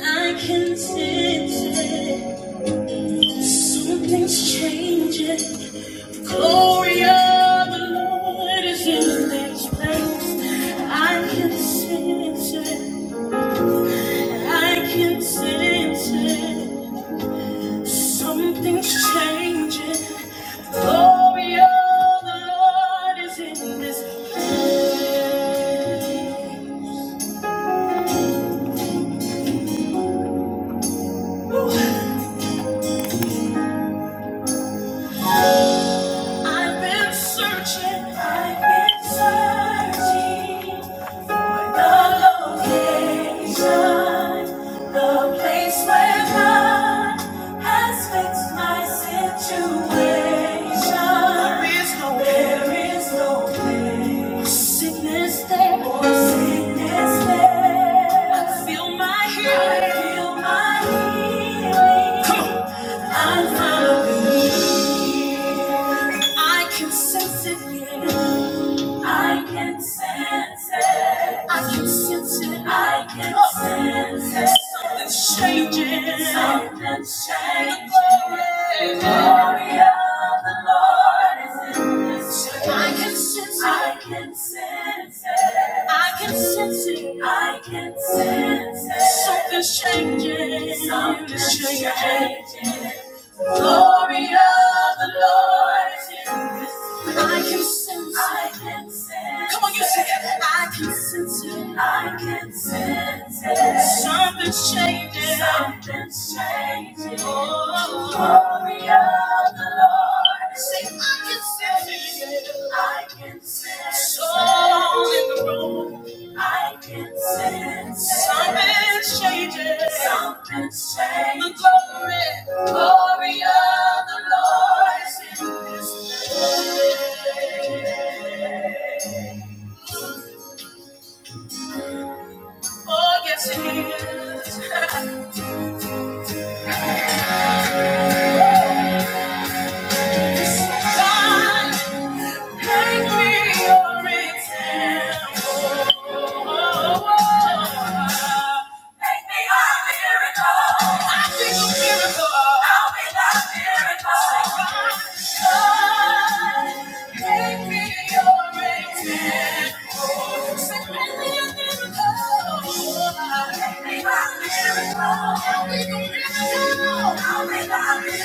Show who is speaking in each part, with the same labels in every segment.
Speaker 1: I can sense it. Something's changing. The glory of the Lord is in this place. I can sense it. I can sense it. Something's changing. The glory of the Lord is in this place. Oh. I've been searching, I've been searching for the location, the place where God has fixed my situation. There is no there is no place. Or Sickness there, or sickness there. I feel my healing, I feel my healing. Come on. I found a I can sense it. yeah. I can sense it. I can sense it. I can Oh. sense it. Something's changing. Something's changing. The glory, the glory of the Lord is in this church. I can sense it. I can sense it. I can sense it. I can sense it. Something's changing. Something's changing glory of the Lord is in this place. I can sense it. I can sense Come on, you sing it. I can sense it. I can sense it. Something's changing. Something's changing. Oh, glory of the Lord. Say, I can sense it. I can sense it. Soul in the room. I can sense something's changing. Something's changing. The glory, glory of the Lord is in this place. Oh, yes, it is. God Make me your example. Make me a miracle. I think a miracle. I'll be the miracle. Say, God, God, make me your example. Say, make me a miracle. Make me a I'll be the miracle. I'll be the miracle.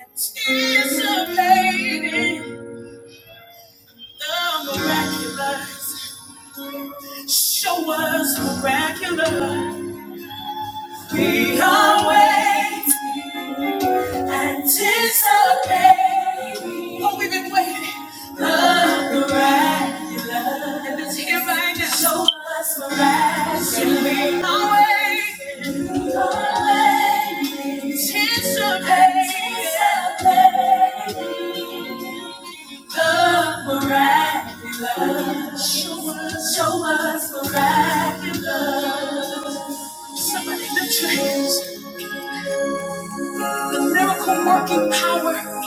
Speaker 1: Anticipating the miraculous. Show us miraculous. We are waiting, anticipating. Oh, we've been waiting. The miraculous. And it's here right now. Show us miraculous. We are waiting. You are waiting. Anticipating. Anticipating. Love miraculous. Show us, show us miraculous. Somebody lift your hands. The miracle working power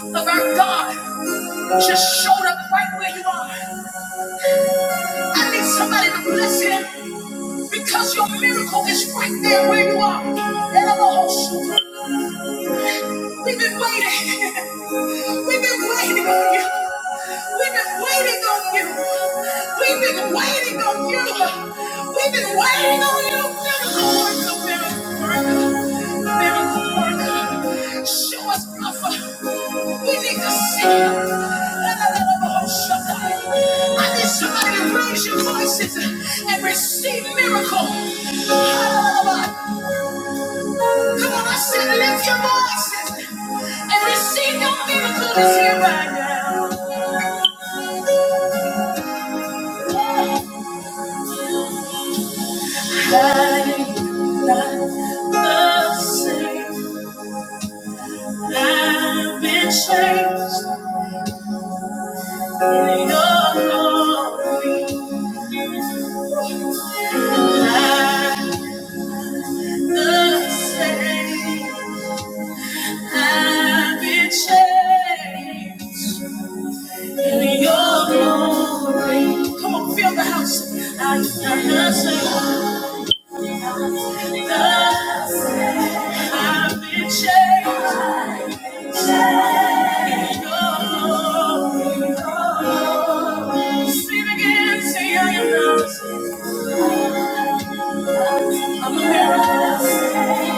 Speaker 1: of our God just showed up right where you are. I need somebody to bless him because your miracle is right there where you are. And I'm a host. We've been waiting. We've been waiting on you. We've been waiting on you. We've been waiting on you. We've been waiting on you. Miracle, miracle, miracle, miracle, miracle. Show us, Rafa. We need to see you. I need somebody to raise your voices and receive miracle. Come on, I said, lift your voices and receive your miracle is here right now. I'm not the same. I've been changed in your glory. I'm the same. I've been changed in your glory. Come on, fill the house. I'm not the same. I've been changed. Oh, sing again, say I am not a miracle.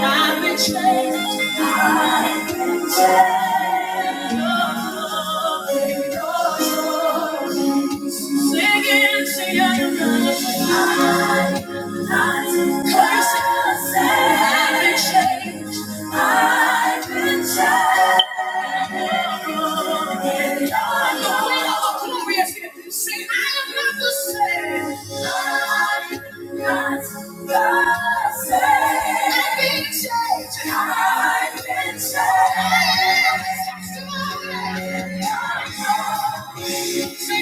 Speaker 1: I've been changed. I've been changed. Oh, oh, sing again, say I am not. I am not cursed. I've been changed. I've been changed. Say,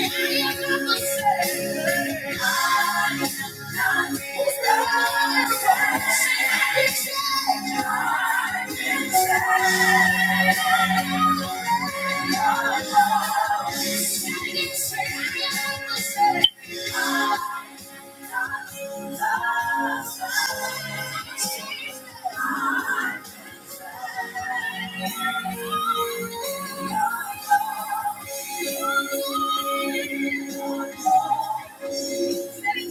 Speaker 1: I am not the same.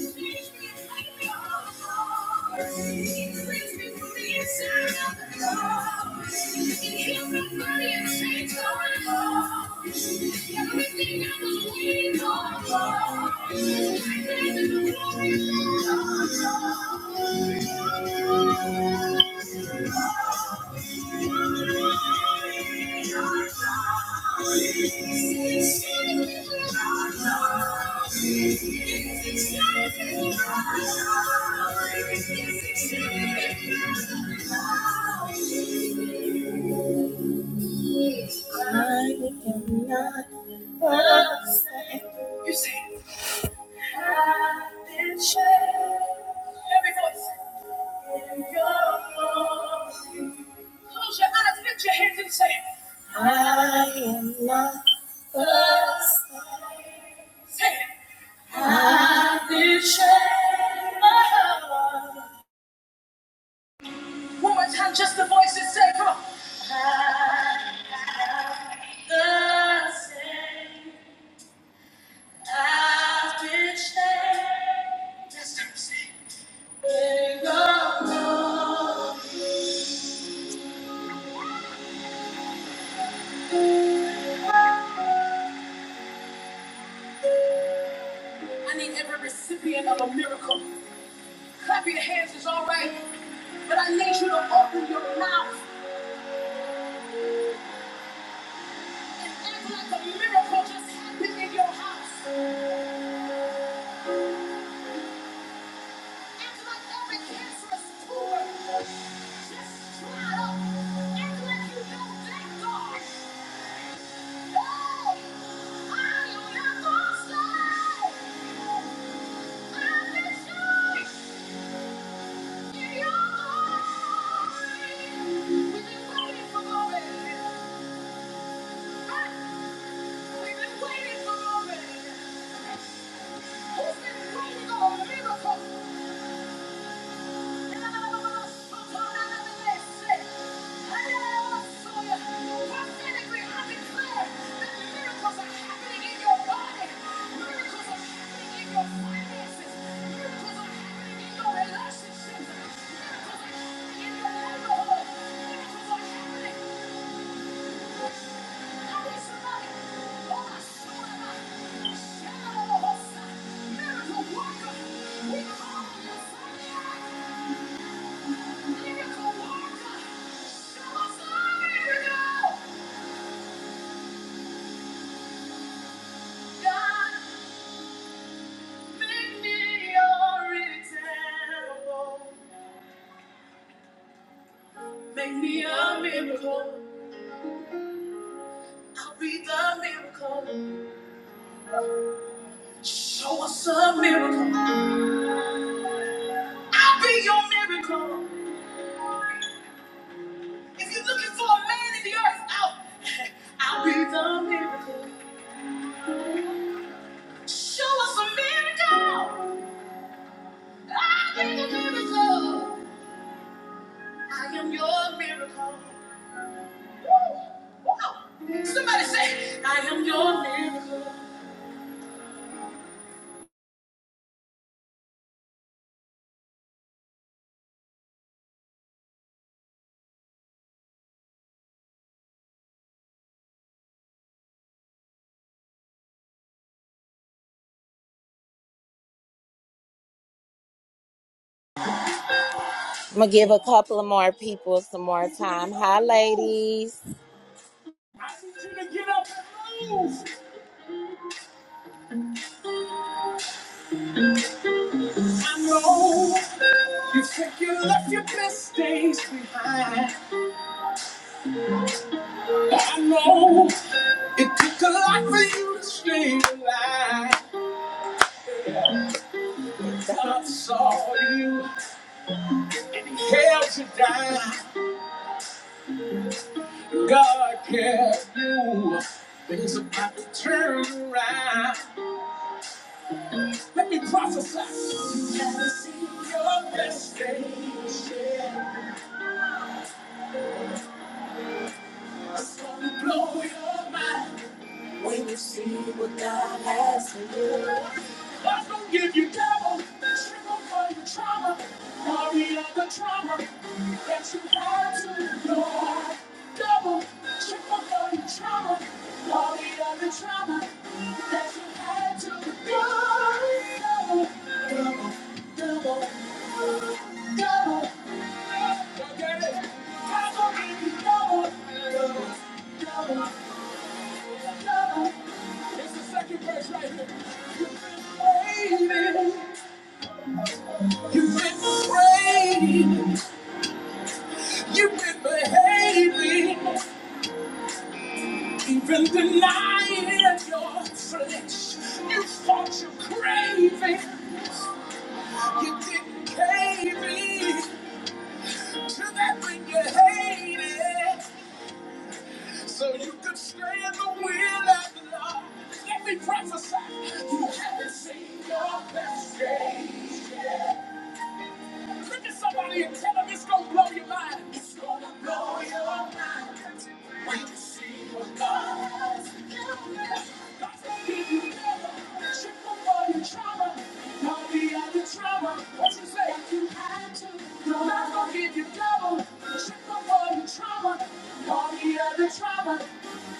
Speaker 1: Thank you. I am not the same. You see, I've been changed. Every voice in your voice. Close your eyes, lift your hands, and say, I am not the same. Say it. I've been changed. One more time, just the voice and say, come on. I'm not the same. I've been changed. Just don't I need every recipient of a miracle. Clap your hands, it's all right. But I need you to open your mouth. Make me your example. Make me a miracle. I'll be the miracle. Show us a miracle. I'll be your miracle. If you're looking for a man in the earth, I'll, I'll be the miracle. Show us a miracle. I am a miracle. I am your miracle. Somebody say, I am your miracle. I'm gonna give a couple of more people some more time. Hi, ladies. Hell to die. Turn around. Your best days is gonna blow your mind when you see what God has for you. God's gonna give you double. She gonna find the trauma. Worry of the trauma that you had to endure. Double. She gonna find the trauma. Worry of the trauma that you had to endure. Double, double, double. You get it? Baby, you've been praying, you've been behaving, even denying your flesh. You fought your craving. You didn't pay me to that thing you hated, so you could stay in the will of the Lord. Let me prophesy, you haven't seen your best day. Look at somebody and tell them it's gonna blow your mind. It's gonna blow your mind. When you see what God's doing. God's gonna give you power. Shit for your trauma. Don't be out the trauma. What you say? If you had to. God's gonna give you double. Shit for your trauma. Don't be the other trauma.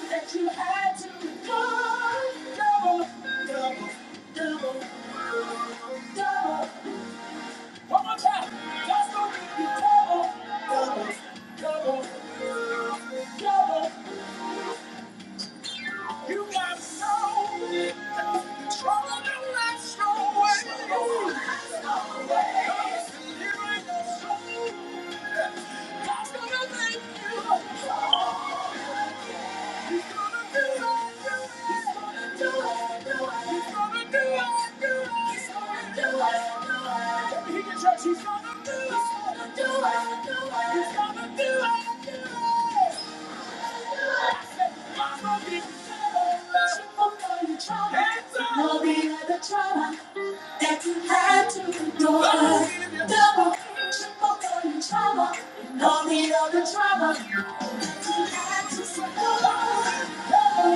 Speaker 1: That you had to. God, double, double, double, double. One more time. God's gonna give you double, double, double, double. You got no trouble don't to last your way. God's gonna make you. He's He's gonna gonna do do do do do it, it. it, it. do it, Hands up! There'll be the trouble, she won't know you trouble, all the other trouble that you had to endure. Double, triple, and the trauma, and all the other trauma that you had to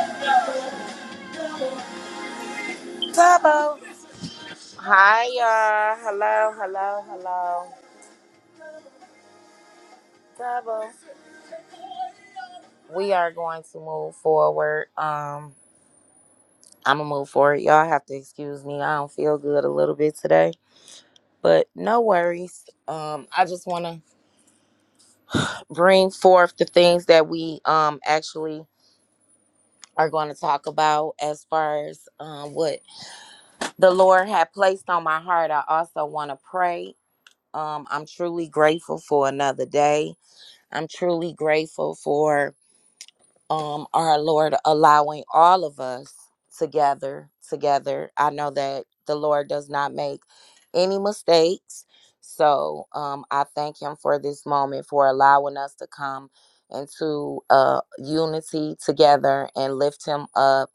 Speaker 1: endure. Double, double, double. Double. Hi, y'all. Hello, hello, hello. Double. We are going to move forward. Um, I'm gonna move forward. Y'all have to excuse me. I don't feel good a little bit today, but no worries. Um, I just wanna bring forth the things that we um actually are going to talk about as far as um, what the Lord had placed on my heart. I also want to pray. Um, I'm truly grateful for another day. I'm truly grateful for um, our Lord allowing all of us to gather together. I know that the Lord does not make any mistakes. So um, I thank Him for this moment, for allowing us to come into uh, unity together and lift Him up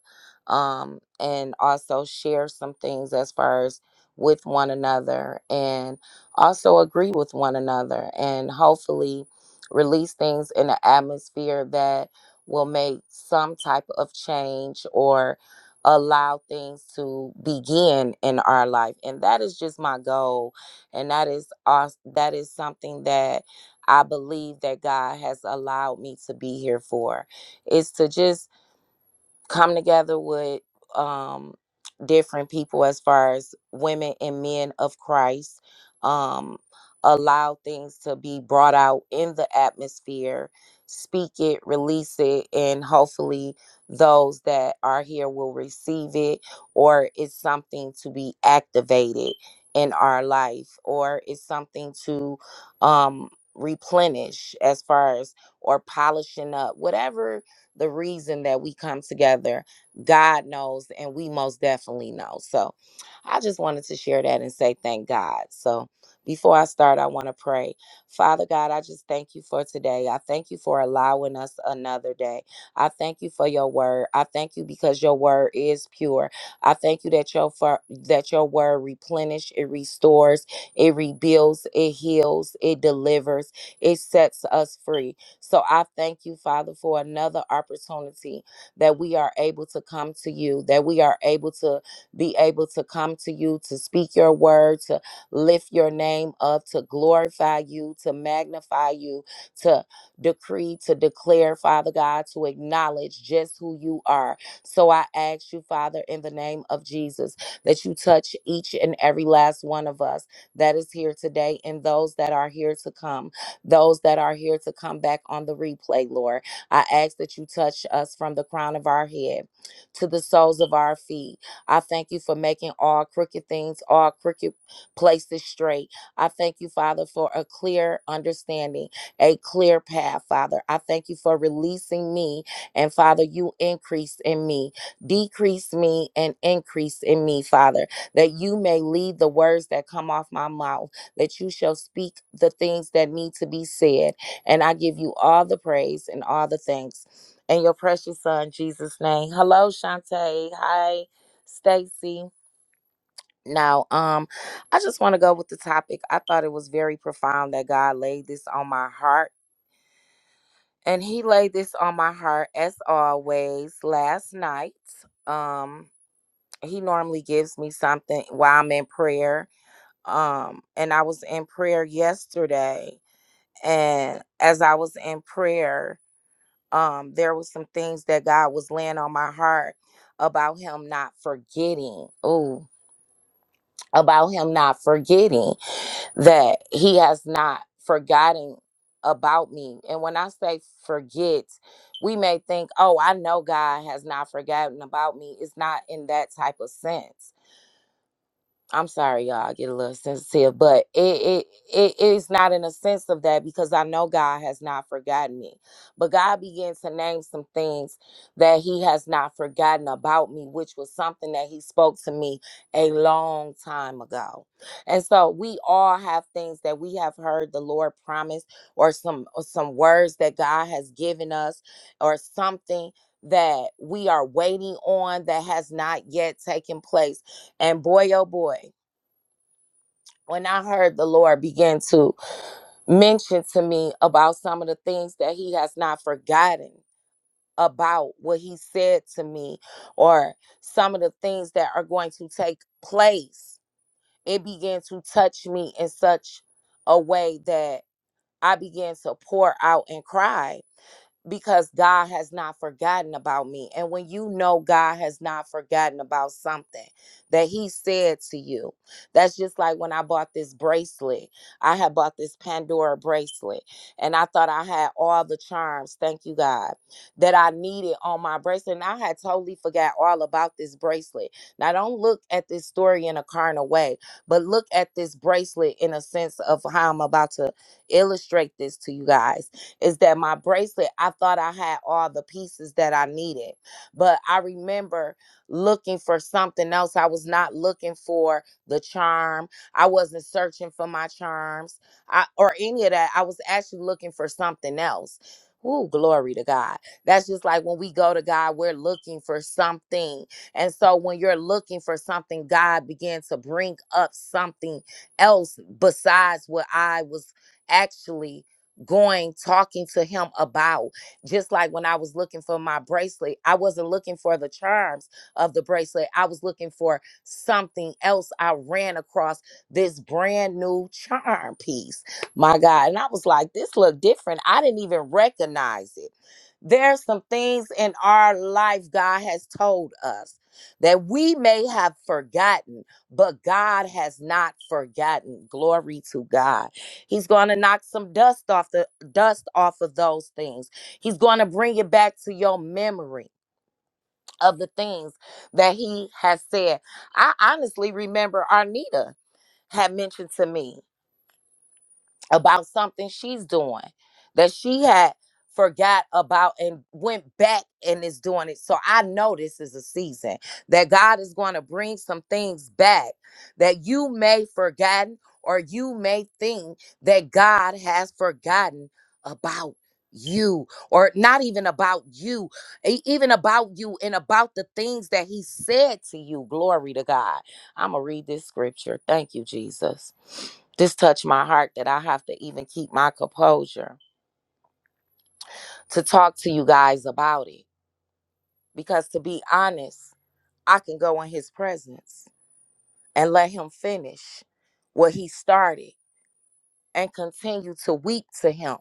Speaker 1: um, and also share some things as far as with one another and also agree with one another and hopefully release things in an atmosphere that will make some type of change or allow things to begin in our life and that is just my goal and that is us that is something that i believe that god has allowed me to be here for is to just come together with um different people as far as women and men of Christ um allow things to be brought out in the atmosphere speak it release it and hopefully those that are here will receive it or it's something to be activated in our life or it's something to um replenish as far as or polishing up whatever the reason that we come together. God knows, and we most definitely know. So I just wanted to share that and say thank God. So before I start, I want to pray. Father God, I just thank you for today. I thank you for allowing us another day. I thank you for your word. I thank you because your word is pure. I thank you that your fir- that your word replenish, it restores, it rebuilds, it heals, it delivers, it sets us free. So I thank you, Father, for another opportunity that we are able to come to you, that we are able to be able to come to you, to speak your word, to lift your name up, to glorify you, to magnify you, to decree, to declare, Father God, to acknowledge just who you are. So I ask you, Father, in the name of Jesus, that you touch each and every last one of us that is here today and those that are here to come those that are here to come back on the replay, Lord. I ask that you touch us from the crown of our head to the soles of our feet. I thank you for making all crooked things, all crooked places straight. I thank you, Father, for a clear understanding, a clear path, Father. I thank you for releasing me, and Father, you increase in me, decrease me, and increase in me, Father, that you may lead the words that come off my mouth that you shall speak the things that need to be said. And I give you all the praise and all the thanks in your precious son, Jesus' name. Hello, Shantae. Hi, Stacy. Now, um, I just want to go with the topic. I thought it was very profound that God laid this on my heart. And he laid this on my heart as always last night. Um, he normally gives me something while I'm in prayer. Um, and I was in prayer yesterday and as I was in prayer, um, there was some things that God was laying on my heart about Him not forgetting. Ooh, about Him not forgetting that He has not forgotten about me. And when I say forget, we may think, oh, I know God has not forgotten about me. It's not in that type of sense I'm sorry, y'all. I get a little sensitive, but it it it is not in a sense of that because I know God has not forgotten me. But God began to name some things that He has not forgotten about me, which was something that He spoke to me a long time ago. And so we all have things that we have heard the Lord promise, or some or some words that God has given us, or something that we are waiting on that has not yet taken place. And boy, oh boy when I heard the Lord begin to mention to me about some of the things that He has not forgotten about what He said to me, or some of the things that are going to take place, it began to touch me in such a way that I began to pour out and cry because God has not forgotten about me. And when you know God has not forgotten about something that He said to you, that's just like when I bought this bracelet. I had bought this Pandora bracelet and I thought I had all the charms, thank you, God, that I needed on my bracelet. And I had totally forgot all about this bracelet. Now, don't look at this story in a carnal way, but look at this bracelet in a sense of how I'm about to illustrate this to you guys is that my bracelet, I thought I had all the pieces that I needed. But I remember looking for something else. I was not looking for the charm. I wasn't searching for my charms I, or any of that. I was actually looking for something else. Ooh, glory to God. That's just like when we go to God, we're looking for something. And so when you're looking for something, God began to bring up something else besides what I was actually going talking to him about just like when i was looking for my bracelet i wasn't looking for the charms of the bracelet i was looking for something else i ran across this brand new charm piece my god and i was like this look different i didn't even recognize it there's some things in our life god has told us that we may have forgotten but god has not forgotten glory to god He's going to knock some dust off the dust off of those things. He's going to bring it back to your memory of the things that he has said. I honestly remember Arnita had mentioned to me about something she's doing that she had forgot about and went back and is doing it. So I know this is a season that God is going to bring some things back that you may forgotten or you may think that God has forgotten about you or not even about you e- even about you and about the things that he said to you glory to god i'm gonna read this scripture thank you jesus this touched my heart that I have to even keep my composure to talk to you guys about it. Because to be honest, I can go in his presence and let him finish what he started and continue to weep to him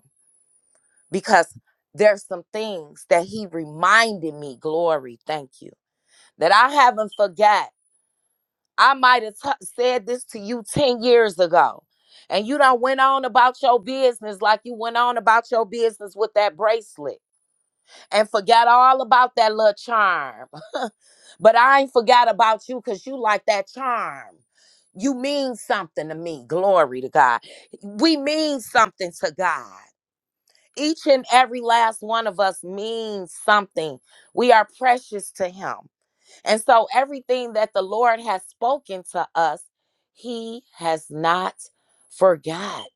Speaker 1: because there's some things that he reminded me, glory, thank you, that I haven't forgot. I might have t- said this to you 10 years ago and you done went on about your business like you went on about your business with that bracelet. and forgot all about that little charm. but I ain't forgot about you because you like that charm. You mean something to me. Glory to God. We mean something to God. Each and every last one of us means something. We are precious to Him. And so everything that the Lord has spoken to us, He has not forgot.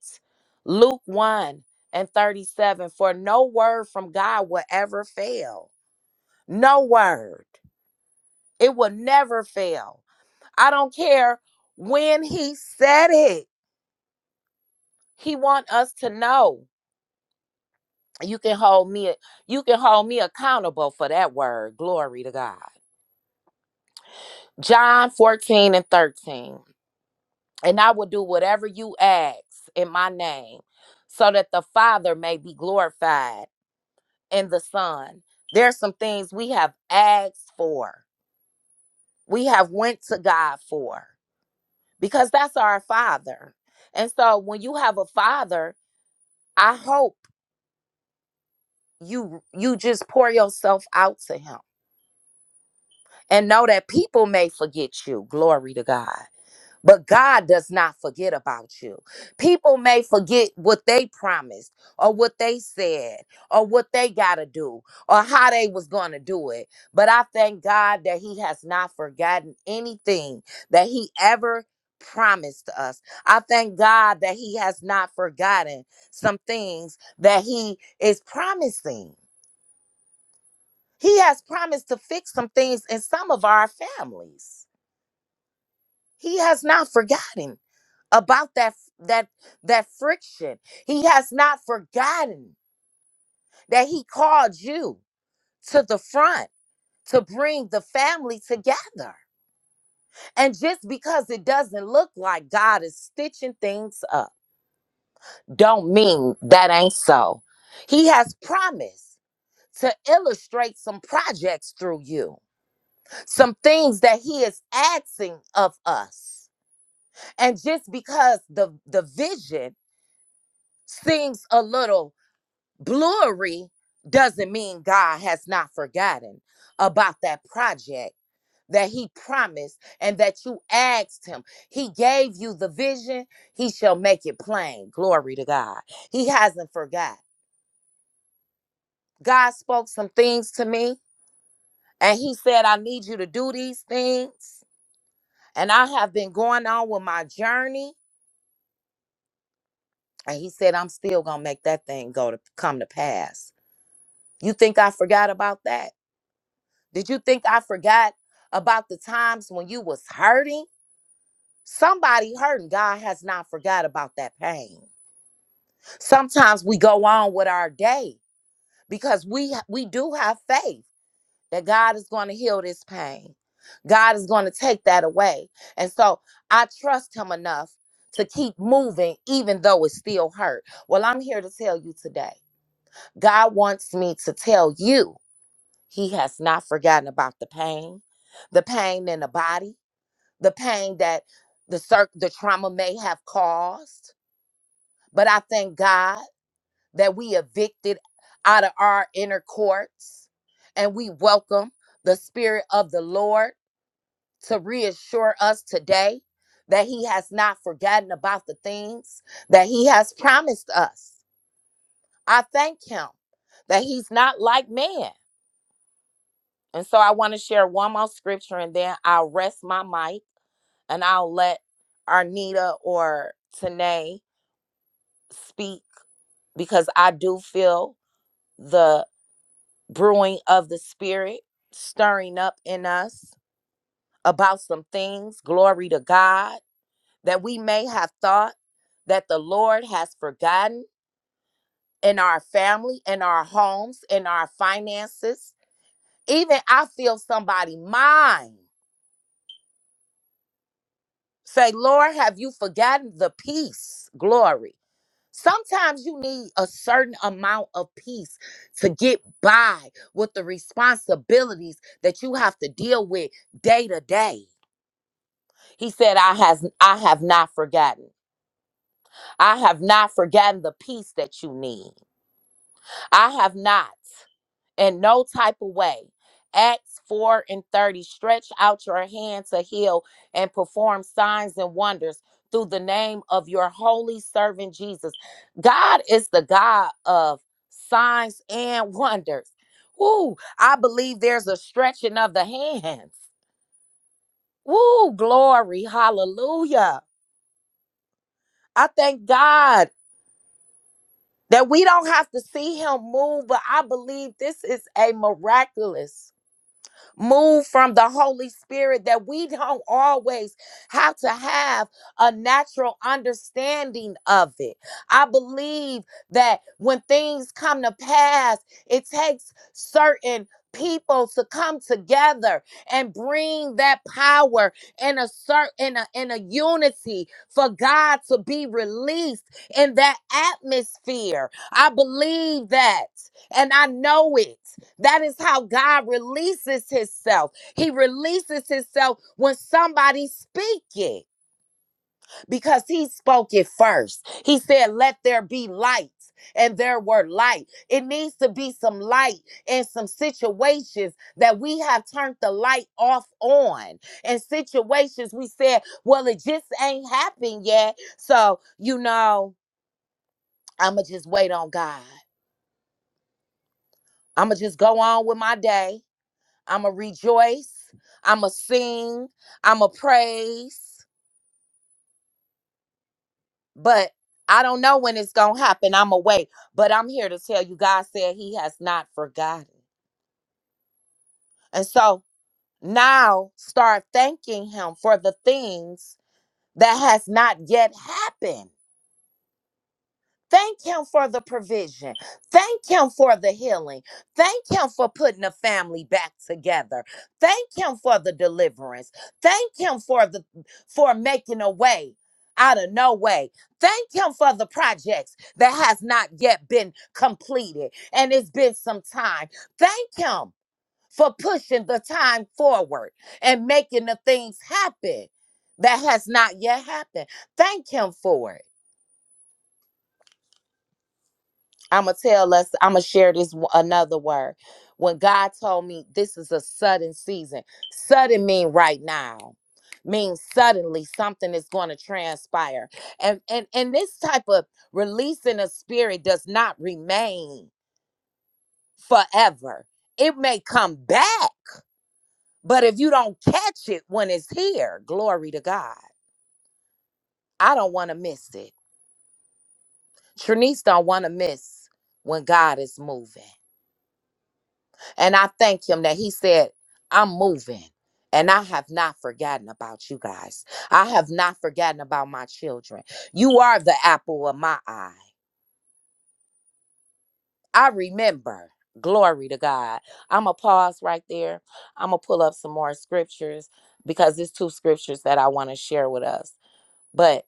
Speaker 1: Luke 1 and 37 For no word from God will ever fail no word. It will never fail. I don't care when he said it. He want us to know. You can hold me you can hold me accountable for that word. Glory to God. John 14 and 13. And I will do whatever you ask in my name so that the Father may be glorified in the Son. There's some things we have asked for. We have went to God for. because that's our father. And so when you have a father, I hope you you just pour yourself out to him and know that people may forget you. Glory to God. But God does not forget about you. People may forget what they promised or what they said or what they got to do or how they was going to do it. But I thank God that he has not forgotten anything that he ever promised us. I thank God that he has not forgotten some things that he is promising. He has promised to fix some things in some of our families. He has not forgotten about that that that friction. He has not forgotten that he called you to the front to bring the family together. And just because it doesn't look like God is stitching things up, don't mean that ain't so. He has promised to illustrate some projects through you, some things that he is asking of us. And just because the the vision seems a little Glory doesn't mean God has not forgotten about that project that he promised and that you asked him. He gave you the vision, he shall make it plain. Glory to God. He hasn't forgot. God spoke some things to me and he said, I need you to do these things. And I have been going on with my journey. And he said, I'm still gonna make that thing go to come to pass. You think I forgot about that? Did you think I forgot about the times when you was hurting? Somebody hurting. God has not forgot about that pain. Sometimes we go on with our day because we we do have faith that God is going to heal this pain. God is going to take that away. And so I trust him enough to keep moving even though it still hurt. Well, I'm here to tell you today. God wants me to tell you he has not forgotten about the pain, the pain in the body the pain that the cir- the trauma may have caused. But I thank God that we evicted out of our inner courts and we welcome the spirit of the Lord to reassure us today that he has not forgotten about the things that he has promised us. I thank him that he's not like man. And so I want to share one more scripture and then I'll rest my mic and I'll let Arnita or Tanae speak because I do feel the brewing of the spirit stirring up in us about some things, glory to God, that we may have thought that the Lord has forgotten in our family, in our homes, in our finances. Even I feel somebody mind. Say, Lord, have you forgotten the peace? Glory. Sometimes you need a certain amount of peace to get by with the responsibilities that you have to deal with day to day. He said, I has I have not forgotten. I have not forgotten the peace that you need. I have not. in no type of way. Acts 4 and 30 stretch out your hand to heal and perform signs and wonders through the name of your holy servant Jesus. God is the God of signs and wonders. Woo, I believe there's a stretching of the hands. Woo, glory, hallelujah. I thank God that we don't have to see him move, but I believe this is a miraculous move from the Holy Spirit that we don't always have to have a natural understanding of it. I believe that when things come to pass, it takes certain people to come together and bring that power in a certain in a, in a unity for God to be released in that atmosphere. I believe that and I know it. That is how God releases himself. He releases himself when somebody speak it because he spoke it first. He said, let there be light. And there were light. It needs to be some light in some situations that we have turned the light off on. In situations we said, well, it just ain't happened yet. So, you know, I'ma just wait on God. I'ma just go on with my day. I'ma rejoice. I'ma sing. I'ma praise. But I don't know when it's gonna happen. I'ma wait. But I'm here to tell you, God said He has not forgotten. And so now start thanking Him for the things that has not yet happened. Thank him for the provision. Thank him for the healing. Thank him for putting the family back together. Thank him for the deliverance. Thank him for the for making a way out of no way. Thank him for the projects that has not yet been completed and it's been some time. Thank him for pushing the time forward and making the things happen that has not yet happened. Thank him for it. I'm gonna tell us. I'm gonna share this w- another word. When God told me this is a sudden season, sudden mean right now, means suddenly something is going to transpire, and and and this type of release in the spirit does not remain forever. It may come back, but if you don't catch it when it's here, glory to God. I don't want to miss it. Trinice don't want to miss when God is moving. And I thank him that he said, I'm moving. And I have not forgotten about you guys. I have not forgotten about my children. You are the apple of my eye. I remember. Glory to God. I'm going to pause right there. I'm going to pull up some more scriptures because there's two scriptures that I want to share with us. But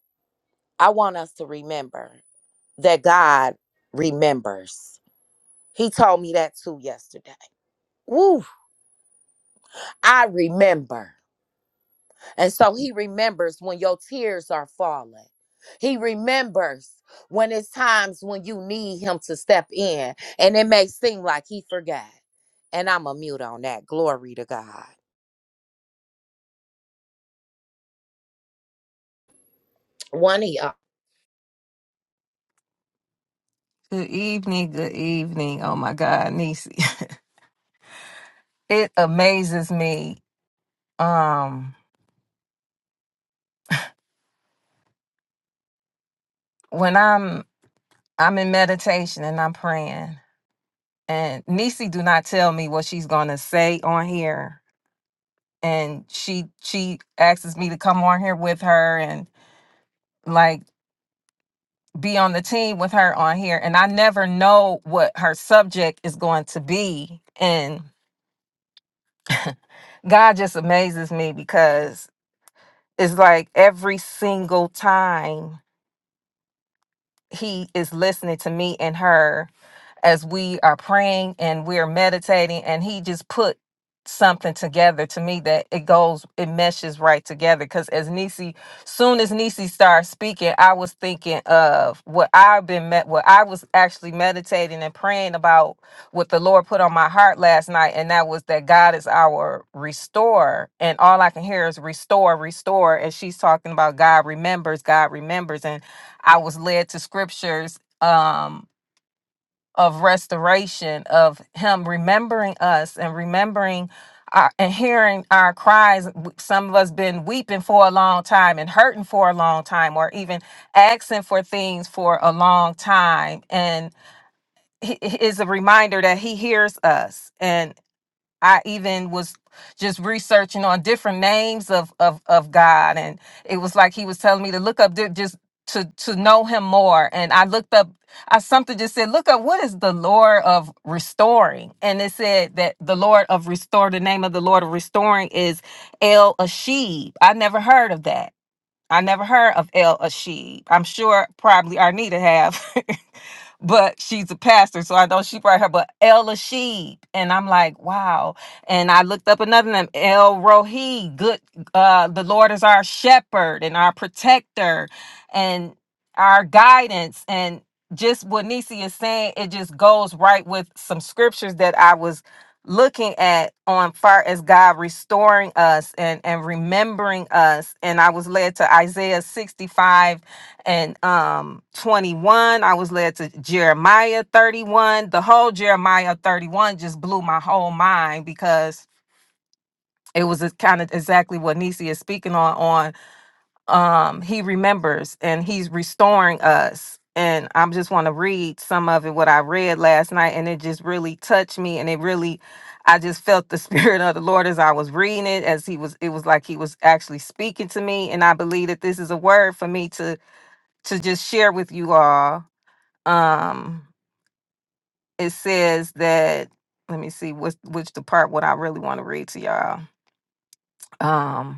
Speaker 1: I want us to remember that God remembers. He told me that too yesterday. Woo! I remember. And so he remembers when your tears are falling. He remembers when it's times when you need him to step in. And it may seem like he forgot. And I'm a mute on that. Glory to God. One of y'all.
Speaker 2: Good evening, good evening. Oh my God, Nisi. It amazes me. Um, when I'm I'm in meditation and I'm praying, and Nisi do not tell me what she's gonna say on here. And she she asks me to come on here with her and like be on the team with her on here. And I never know what her subject is going to be. And God just amazes me because It's like every single time he is listening to me and her as we are praying and we are meditating and he just put something together to me that it goes it meshes right together because as Nisi soon as Nisi started speaking I was thinking of what I've been met what I was actually meditating and praying about what the Lord put on my heart last night and that was that God is our restorer and all I can hear is restore restore and she's talking about God remembers God remembers and. I was led to scriptures um, of restoration, of Him remembering us and remembering our, and hearing our cries. W- Some of us been weeping for a long time and hurting for a long time, or even asking for things for a long time. And he- he is a reminder that He hears us and. I even was just researching on different names of of of God, and it was like He was telling me to look up di- just to to know Him more. And I looked up, I something just said, look up what is the Lord of restoring, and it said that the Lord of restore, the name of the Lord of restoring is El Ashib. I never heard of that. I never heard of El Ashib. I'm sure probably Arnita have, but she's a pastor, so I know she brought her. But El Ashib, and I'm like, wow. And I looked up another name, El Rohi. Good, uh, the Lord is our shepherd and our protector, and our guidance, and just what Nisi is saying, it just goes right with some scriptures that I was looking at on far as God restoring us and and remembering us and I was led to Isaiah 65 and um 21 I was led to Jeremiah 31 the whole Jeremiah 31 just blew my whole mind because it was kind of exactly what Nisi is speaking on on um he remembers and he's restoring us and i just want to read some of it what i read last night and it just really touched me and it really i just felt the spirit of the lord as i was reading it as he was it was like he was actually speaking to me and i believe that this is a word for me to to just share with you all um it says that let me see what's which the part what i really want to read to y'all Um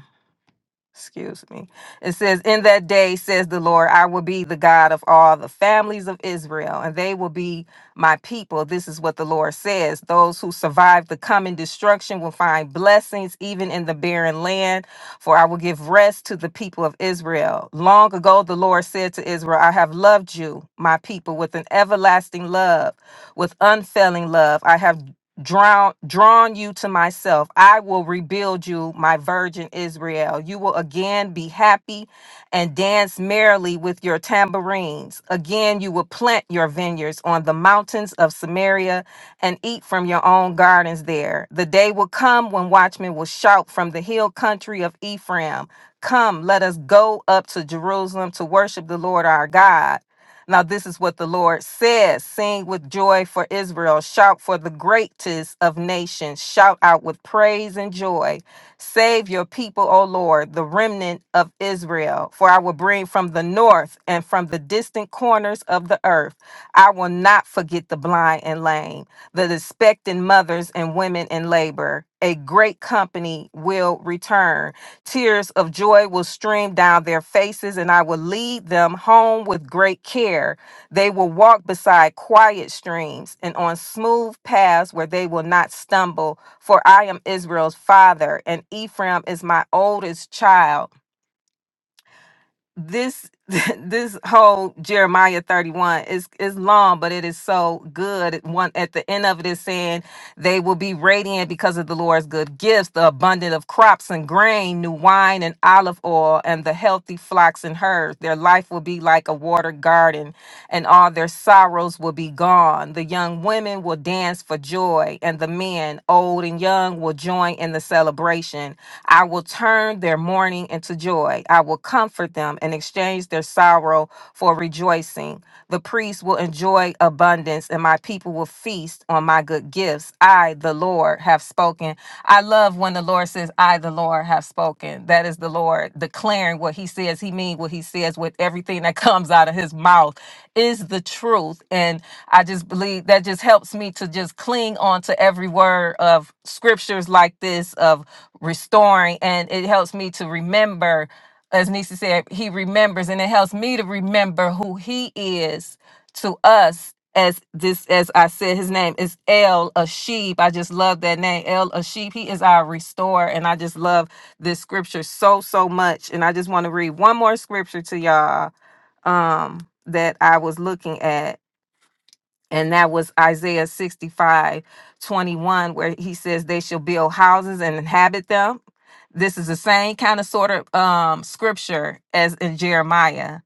Speaker 2: excuse me. It says, In that day, says the Lord, I will be the God of all the families of Israel, and they will be my people. This is what the Lord says. Those who survive the coming destruction will find blessings even in the barren land, for I will give rest to the people of Israel. Long ago, the Lord said to Israel, I have loved you, my people, with an everlasting love, with unfailing love. I have drawn drawn you to myself i will rebuild you my virgin israel you will again be happy and dance merrily with your tambourines again you will plant your vineyards on the mountains of samaria and eat from your own gardens there the day will come when watchmen will shout from the hill country of ephraim come let us go up to jerusalem to worship the lord our god now, this is what the Lord says Sing with joy for Israel, shout for the greatest of nations, shout out with praise and joy. Save your people, O Lord, the remnant of Israel. For I will bring from the north and from the distant corners of the earth. I will not forget the blind and lame, the expectant mothers and women in labor. A great company will return Tears of joy will stream down their faces, and I will lead them home with great care. They will walk beside quiet streams and on smooth paths where they will not stumble. For I am Israel's father, and Ephraim is my oldest child. This this whole Jeremiah 31 is is long, but it is so good. One at the end of it is saying they will be radiant because of the Lord's good gifts, the abundance of crops and grain, new wine and olive oil, and the healthy flocks and herds. Their life will be like a watered garden, and all their sorrows will be gone. The young women will dance for joy, and the men, old and young, will join in the celebration. I will turn their mourning into joy. I will comfort them and exchange their sorrow for rejoicing. The priests will enjoy abundance, and my people people will feast on my good gifts. I, the Lord, have spoken. I love when the Lord says, I, the Lord, have spoken. That is the Lord declaring what he says. He means what he says with everything that comes out of his mouth is the truth. And I just believe that just helps me to just cling on to every word of scriptures like this of restoring. And it helps me to remember, as Nisi said, he remembers and it helps me to remember who he is to us as this as I said, his name is El Ashib. I just love that name, El Ashib. He is our restorer, and I just love this scripture so so much. And I just want to read one more scripture to y'all um, that I was looking at, and that was Isaiah 65 21, where he says, "They shall build houses and inhabit them." This is the same kind of sort of um, scripture as in Jeremiah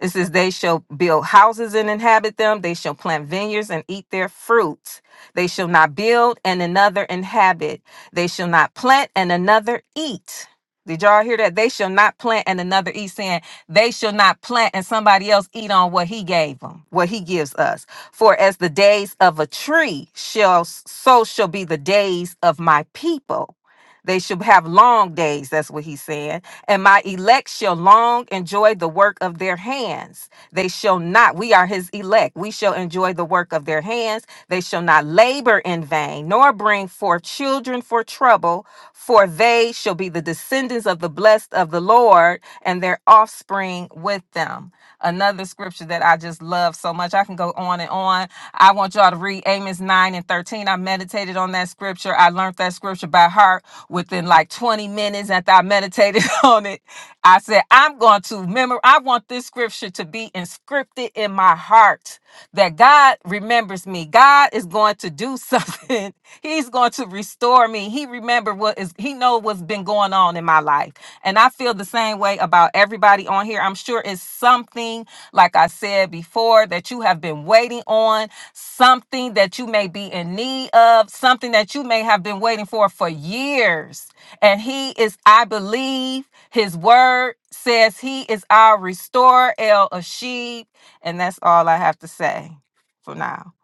Speaker 2: it says, They shall build houses and inhabit them. They shall plant vineyards and eat their fruit. They shall not build and another inhabit. They shall not plant and another eat. Did y'all hear that? They shall not plant and another eat, saying, They shall not plant and somebody else eat on what he gave them, what he gives us. For as the days of a tree shall, so shall be the days of my people. They shall have long days. That's what he's saying and my elect shall long enjoy the work of their hands. They shall not, we are his elect, we shall enjoy the work of their hands. They shall not labor in vain, nor bring forth children for trouble, for they shall be the descendants of the blessed of the Lord, and their offspring with them. Another scripture that I just love so much. I can go on and on. I want y'all to read Amos 9 and 13. I meditated on that scripture. I learned that scripture by heart within like 20 minutes after I meditated on it. I said, I'm going to remember, I want this scripture to be inscripted in my heart that God remembers me. God is going to do something. He's going to restore me. He remember what is he know what's been going on in my life. And I feel the same way about everybody on here. I'm sure it's something like I said before that you have been waiting on, something that you may be in need of, something that you may have been waiting for for years. And he is I believe his word says he is our restorer, El Ashib. And that's all I have to say for now.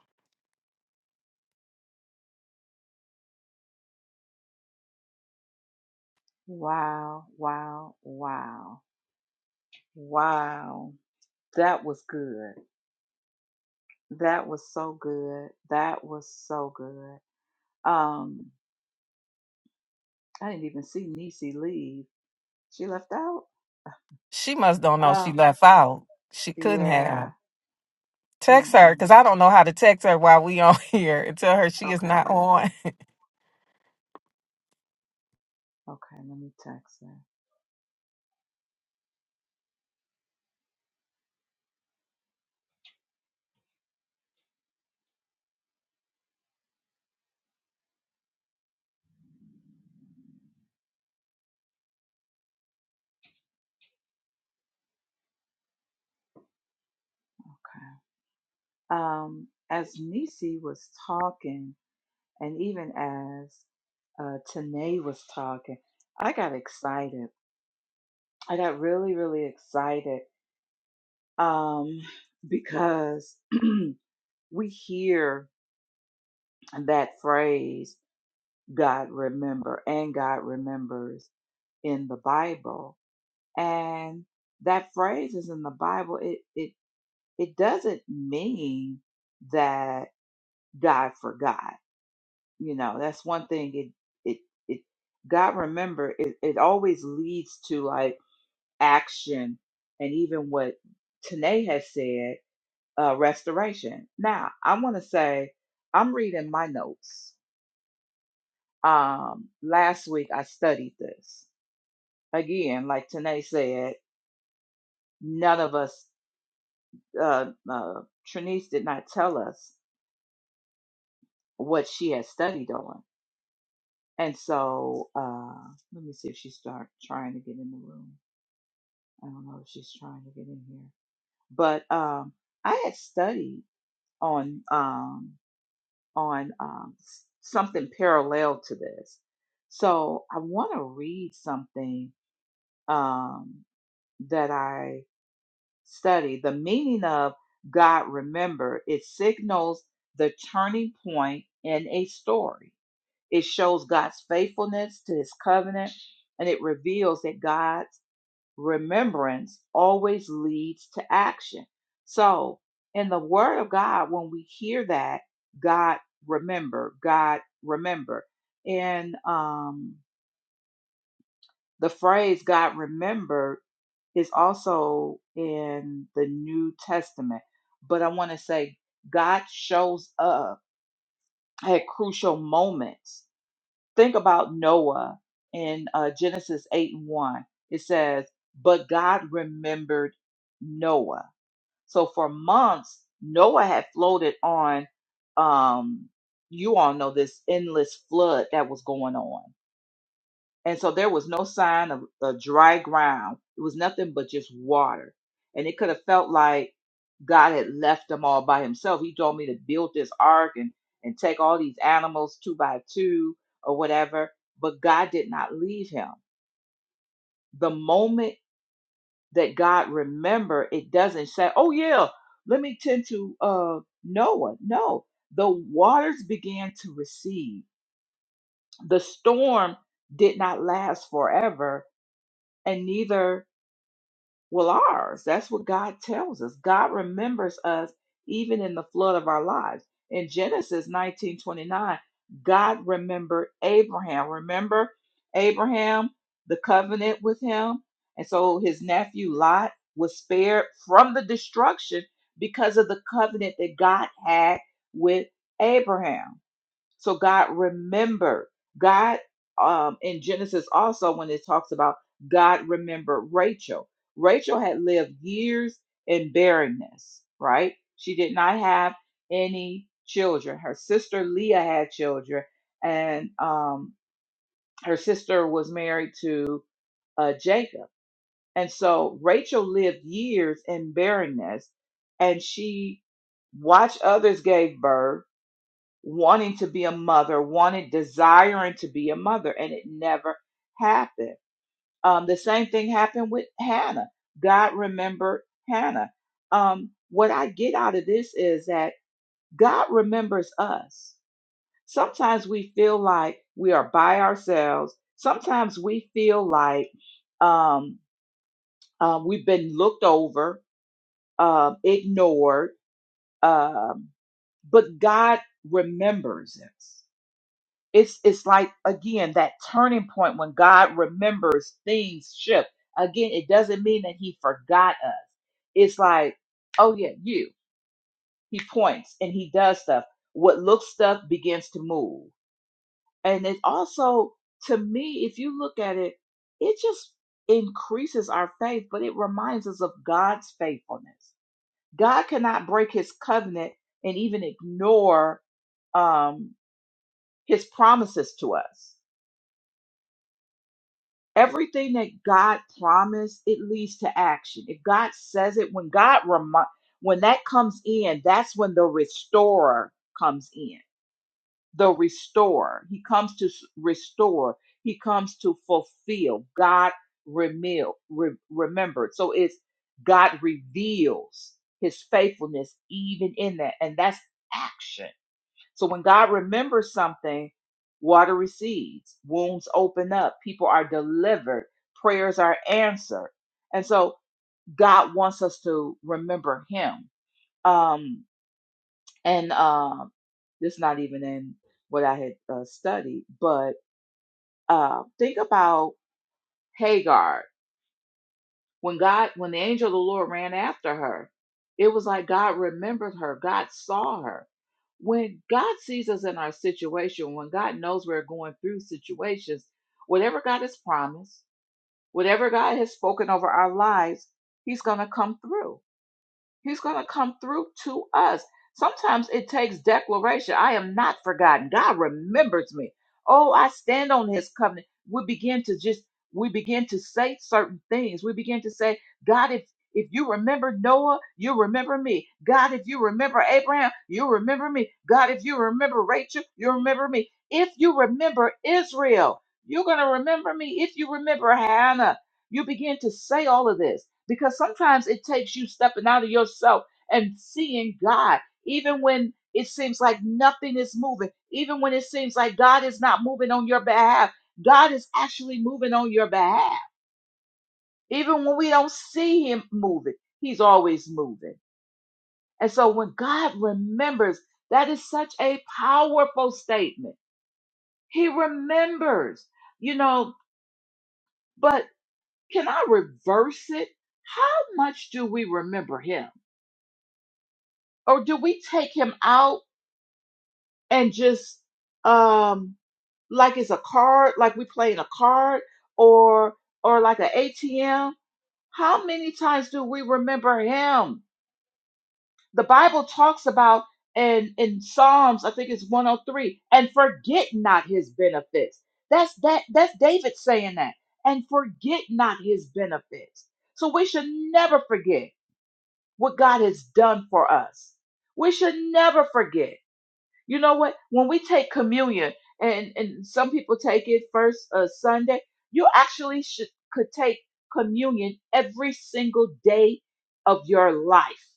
Speaker 3: Wow, wow, wow, wow. That was good. That was so good. That was so good. Um, I didn't even see Niecy leave. She left out?
Speaker 2: She must don't know she
Speaker 3: Oh,
Speaker 2: left out. She couldn't
Speaker 3: yeah.
Speaker 2: have. Text her because
Speaker 3: Mm-mm.
Speaker 2: I don't know how to text her while we on here and tell her she is not
Speaker 3: Okay,
Speaker 2: on.
Speaker 3: okay, let me text her. Okay. Um, as Nisi was talking, and even as uh, Tanae was talking, I got excited. I got really, really excited um, because we hear that phrase, God remember, and God remembers in the Bible. And that phrase is in the Bible. It, it, it doesn't mean that God forgot. You know, that's one thing it, it, it, God remember, it, it always leads to like action. And even what Tanae has said, uh, restoration. Now, I want to say I'm reading my notes. Um, last week I studied this again. Like Tanae said, none of us, uh, uh, Trinice did not tell us what she had studied on, and so uh, let me see if she start trying to get in the room. I don't know if she's trying to get in here, but um, I had studied on. Um, on um, s- something parallel to this. So I want to read something um, that I studied. The meaning of God remember it signals the turning point in a story. It shows God's faithfulness to His covenant, and it reveals that God remembrance always leads to action. So, in the Word of God, when we hear that, God remember, God remember. And um, the phrase God remembered is also in the New Testament. But I want to say, God shows up at crucial moments. Think about Noah in uh, Genesis 8 and 1. It says, But God remembered Noah. So for months, Noah had floated on, um, you all know this endless flood that was going on. And so there was no sign of, a dry ground. It was nothing but just water. And it could have felt like God had left them all by himself. He told me to build this ark and, and take all these animals two by two or whatever. But God did not leave him. The moment that God remember. It doesn't say, "Oh yeah, let me tend to uh, Noah." No, the waters began to recede. The storm did not last forever, and neither well, ours. That's what God tells us. God remembers us even in the flood of our lives. In Genesis 19:29, God remembered Abraham. Remember Abraham, the covenant with him? And so his nephew Lot was spared from the destruction because of the covenant that God had with Abraham. So God remembered. God um, in Genesis also when it talks about God remembered Rachel. Rachel had lived years in barrenness, right? She did not have any children. Her sister Leah had children, and um, her sister was married to uh, Jacob. And so Rachel lived years in barrenness, and she watched others gave birth wanting to be a mother, wanted, desiring to be a mother, and it never happened. Um, the same thing happened with Hannah. God remembered Hannah. Um, what I get out of this is that God remembers us. Sometimes we feel like we are by ourselves. Sometimes we feel like um, uh, we've been looked over, um, ignored, um, but God remembers us. it's it's like again that turning point when God remembers things shift. Again, it doesn't mean that he forgot us. It's like, oh yeah, you. He points and he does stuff. What looks stuff begins to move. And it also, to me, if you look at it, it just increases our faith, but it reminds us of God's faithfulness. God cannot break his covenant and even ignore um, his promises to us everything that God promised, it leads to action. If God says it, when God remind, when that comes in, that's when the restorer comes in. The restorer, he comes to s- restore. He comes to fulfill. God remil, re- remembered. So it's God reveals His faithfulness even in that, and that's action. So when God remembers something, water recedes, wounds open up, people are delivered, prayers are answered. And so God wants us to remember Him. Um, and um, this not even in what I had uh, studied, but uh, think about Hagar. When God, when the angel of the Lord ran after her, it was like God remembered her, God saw her. When God sees us in our situation, when God knows we're going through situations, whatever God has promised, whatever God has spoken over our lives, He's going to come through He's going to come through to us. Sometimes it takes declaration. I am not forgotten. God remembers me. Oh, I stand on his covenant. We begin to just we begin to say certain things. We begin to say, God, if if you remember Noah, you remember me. God, if you remember Abraham, you remember me. God, if you remember Rachel, you remember me. If you remember Israel, you're going to remember me. If you remember Hannah, you begin to say all of this because sometimes it takes you stepping out of yourself and seeing God, even when it seems like nothing is moving, even when it seems like God is not moving on your behalf. God is actually moving on your behalf. Even when we don't see Him moving, He's always moving. And so when God remembers, that is such a powerful statement. He remembers, you know, but Can I reverse it? How much do we remember him? Or do we take him out and just um like it's a card, like we playing a card or or like an ATM? How many times do we remember him? The Bible talks about and in Psalms, I think it's 103, and forget not his benefits. That's that that's David saying that. And forget not his benefits. So we should never forget. what God has done for us. We should never forget. You know what? When we take communion, and, and some people take it first uh, Sunday, you actually should could take communion every single day of your life.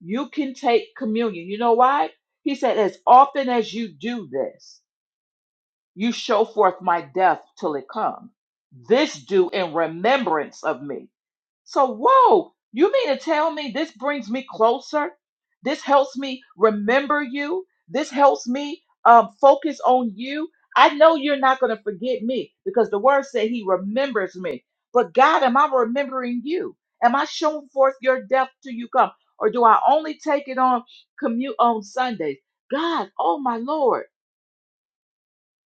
Speaker 3: You can take communion. You know why? He said, as often as you do this, you show forth my death till it come. This do in remembrance of me. So, whoa, you mean to tell me this brings me closer? This helps me remember you. This helps me um, focus on you. I know you're not going to forget me because the word said he remembers me. But God, am I remembering you? Am I showing forth your death till you come? Or do I only take it on commute on Sundays? God, oh my Lord,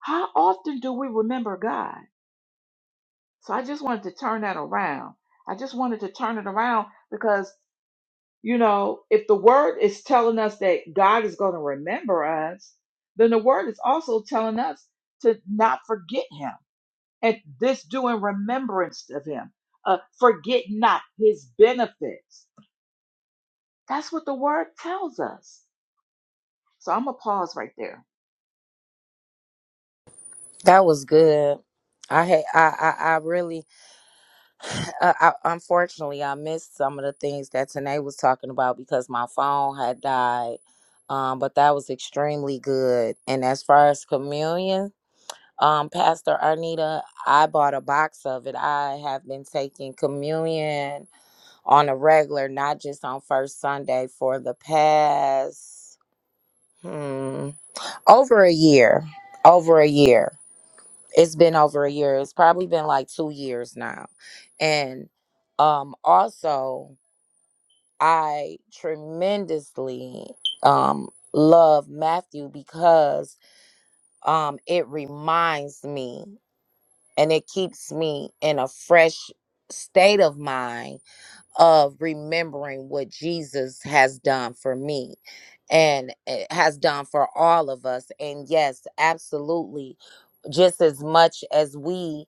Speaker 3: how often do we remember God? So I just wanted to turn that around. I just wanted to turn it around because You know, if the word is telling us that God is going to remember us, then the word is also telling us to not forget him and this do in remembrance of him. Uh, forget not his benefits. That's what the word tells us. So I'm going to pause right there.
Speaker 1: That was good. I had I I, I really uh, I, unfortunately I missed some of the things that Tanae was talking about because my phone had died. Um, but that was extremely good. And as far as communion, Um, Pastor Arnita, I bought a box of it. I have been taking communion on a regular, not just on first Sunday, for the past hmm, over a year. Over a year. It's been over a year. It's probably been like two years now. And um, also, I tremendously um, love Matthew because um, it reminds me. and it keeps me in a fresh state of mind of remembering what Jesus has done for me and eh, has done for all of us and yes absolutely just as much as we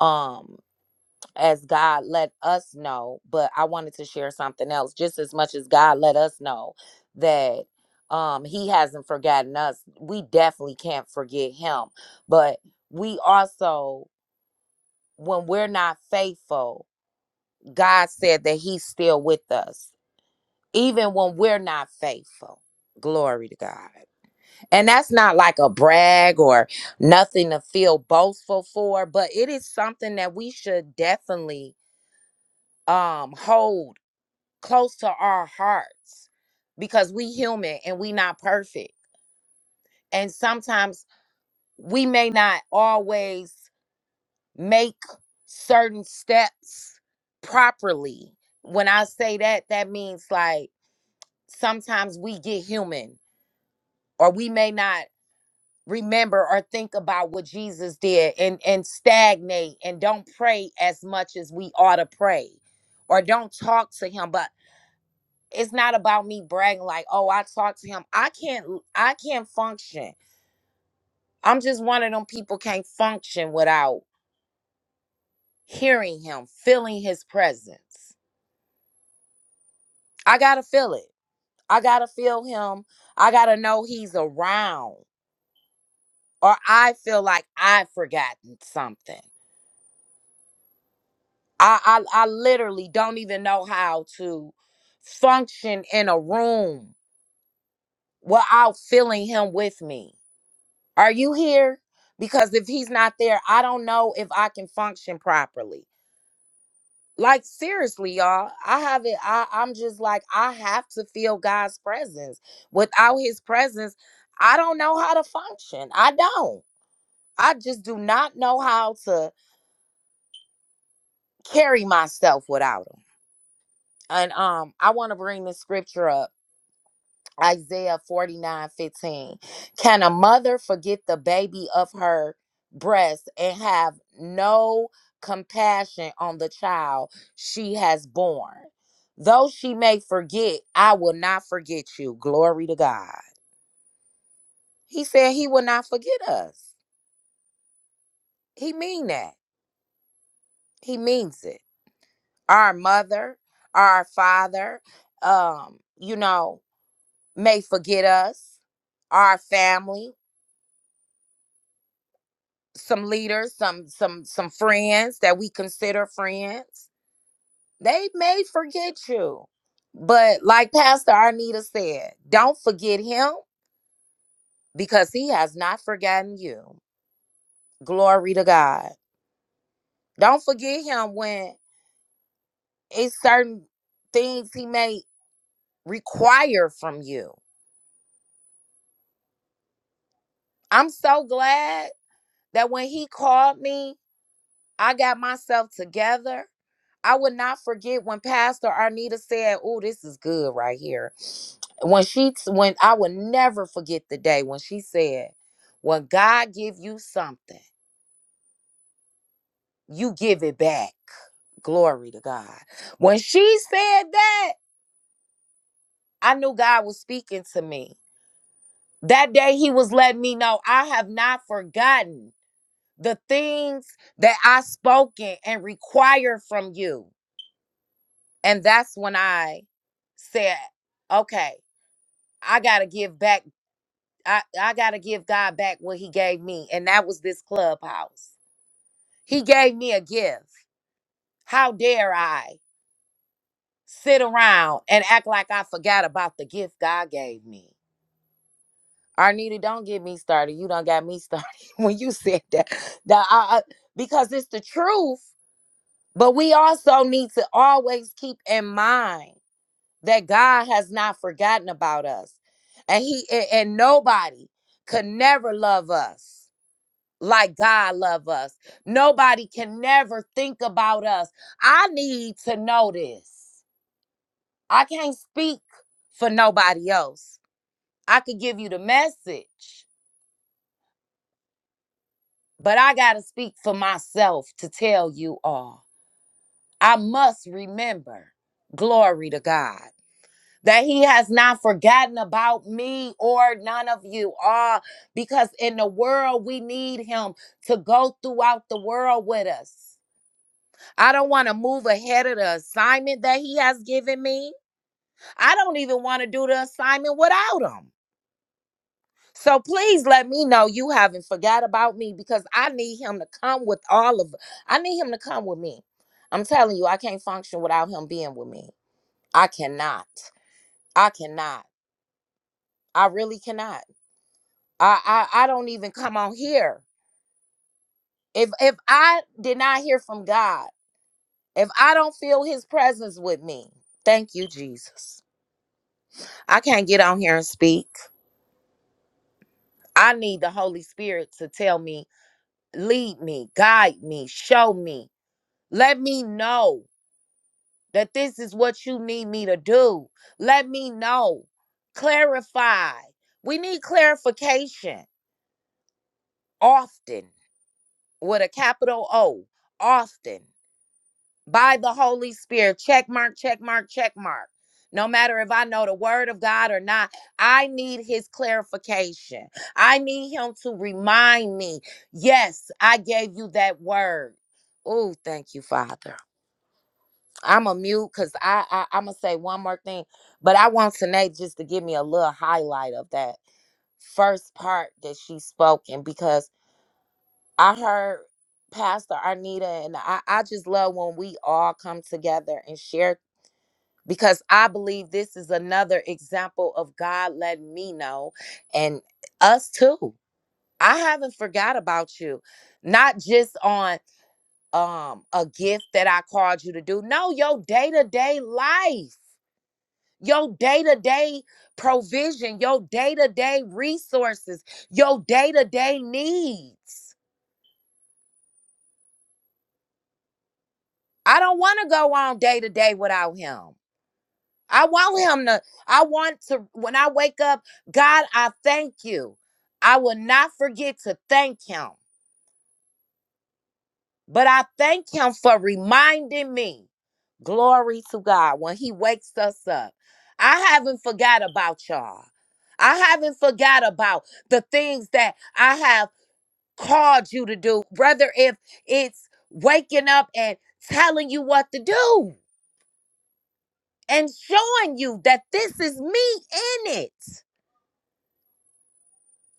Speaker 1: um as God let us know but I wanted to share something else just as much as God let us know that um he hasn't forgotten us we definitely can't forget him but we also when we're not faithful, God said that He's still with us, even when we're not faithful. Glory to God. And that's not like a brag or nothing to feel boastful for, but it is something that we should definitely um hold close to our hearts because we human and we not perfect. And sometimes we may not always make certain steps properly. When I say that, that means like sometimes we get human or we may not remember or think about what Jesus did and and stagnate and don't pray as much as we ought to pray or don't talk to him but it's not about me bragging like oh I talked to him I can't I can't function I'm just one of them people can't function without hearing him feeling his presence I gotta feel it. I gotta feel him. I gotta know he's around. Or I feel like I've forgotten something. I I, I literally don't even know how to function in a room without feeling him with me. Are you here? Because if he's not there, I don't know if I can function properly. like seriously y'all i haven't i i'm just like i have to feel god's presence without his presence i don't know how to function i don't i just do not know how to carry myself without him and um i want to bring this scripture up Isaiah 49 15. Can a mother forget the baby of her breast and have no compassion on the child she has born? Though she may forget, I will not forget you. Glory to God. He said he will not forget us. He mean that. He means it. Our mother, our father, um, you know, may forget us, our family. some leaders, some some some friends that we consider friends, they may forget you. But like Pastor Arnita said, don't forget him because he has not forgotten you. Glory to God. Don't forget him when it's certain things he may require from you. I'm so glad that when he called me, I got myself together I would not forget when Pastor Arnita said, "Oh, this is good right here." When she when I would never forget the day when she said, "When God give you something, you give it back." Glory to God. When she said that, I knew God was speaking to me. That day he was letting me know I have not forgotten the things that I spoken and required from you. And that's when I said, "Okay, I gotta give back. I, I gotta give God back what He gave me, and that was this clubhouse. He gave me a gift. How dare I sit around and act like I forgot about the gift God gave me? Arnita, don't get me started. You don't got me started when you said that. that I, I- because it's the truth. But we also need to always keep in mind that God has not forgotten about us, and He and and nobody could never love us like God love us. Nobody can never think about us. I need to know this. I can't speak for nobody else. I could give you the message, but I got to speak for myself to tell you all. I must remember, glory to God, that he has not forgotten about me or none of you all because in the world we need him to go throughout the world with us. I don't want to move ahead of the assignment that he has given me. I don't even want to do the assignment without him. So please let me know you haven't forgot about me because I need him to come with all of I need him to come with me. I'm telling you, I can't function without him being with me. I cannot. I cannot. I really cannot. I I, I don't even come on here. If if I did not hear from God, if I don't feel his presence with me, thank you, Jesus. I can't get on here and speak. I need the Holy Spirit to tell me, lead me, guide me, show me. Let me know that this is what you need me to do. Let me know. Clarify. We need clarification often with a capital O, often. by the Holy Spirit. Check mark, check mark, check mark. No matter if I know the word of God or not, I need his clarification. I need him to remind me, yes, I gave you that word. Oh, thank you, Father. I'm a mute because I, I I'm gonna say one more thing, but I want Tanae just to give me a little highlight of that first part that she spoke and because I heard Pastor Arnita and I, I just love when we all come together and share because I believe this is another example of God letting me know and us too. I haven't forgot about you. Not just on um a gift that I called you to do. No, your day-to-day life, your day-to-day provision, your day-to-day resources, your day-to-day needs. I don't want to go on day to day without him. I want him to, I want to, when I wake up, God, I thank you. I will not forget to thank him, but I thank him for reminding me. Glory to God when he wakes us up. I haven't forgot about y'all. I haven't forgot about the things that I have called you to do, whether if it's waking up and telling you what to do and showing you that this is me in it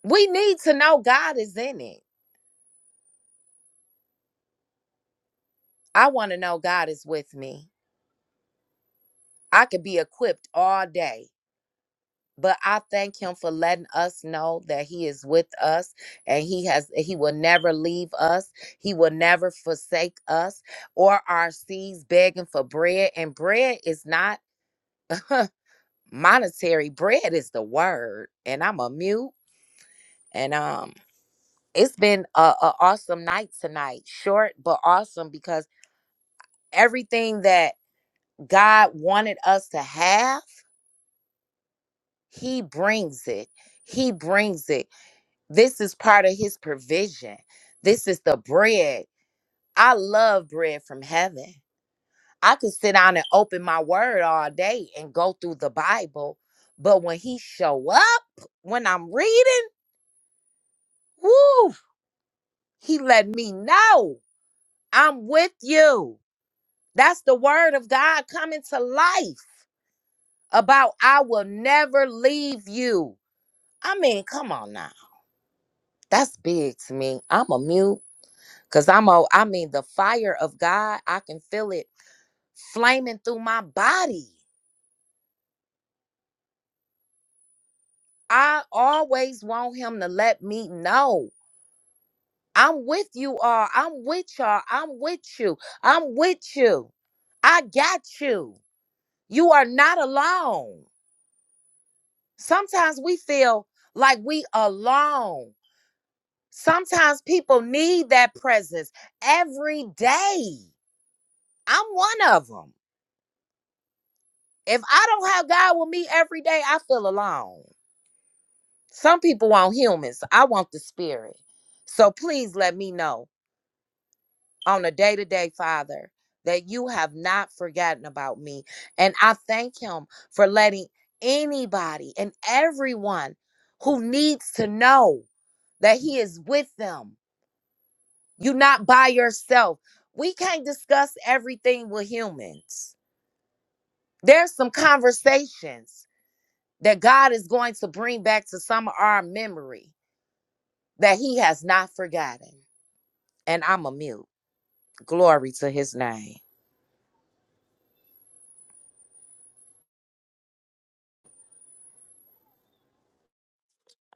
Speaker 1: We need to know God is in it. I want to know God is with me. I could be equipped all day, but I thank him for letting us know that he is with us and he has he will never leave us. He will never forsake us or our seeds begging for bread and bread is not monetary. Bread is the word. And I'm a mute and um it's been a, a awesome night tonight. Short but awesome because everything that God wanted us to have, He brings it. He brings it. This is part of His provision. This is the bread. I love bread from heaven. I could sit down and open my word all day and go through the Bible, but when He show up, when I'm reading, whoo, He let me know I'm with you. That's the word of God coming to life about I will never leave you. I mean, come on now. That's big to me. I'm a mute because I'm a, I mean, the fire of God, I can feel it flaming through my body. I always want Him to let me know. I'm with you all. I'm with y'all. I'm with you. I'm with you. I got you. You are not alone. Sometimes we feel like we alone. Sometimes people need that presence every day. I'm one of them. If I don't have God with me every day, I feel alone. Some people want humans. I want the spirit. So please let me know on a day to day, Father, that you have not forgotten about me. And I thank Him for letting anybody and everyone who needs to know that He is with them. You're not by yourself. We can't discuss everything with humans. There's some conversations that God is going to bring back to some of our memory that He has not forgotten. And I'm a mute. Glory to His name.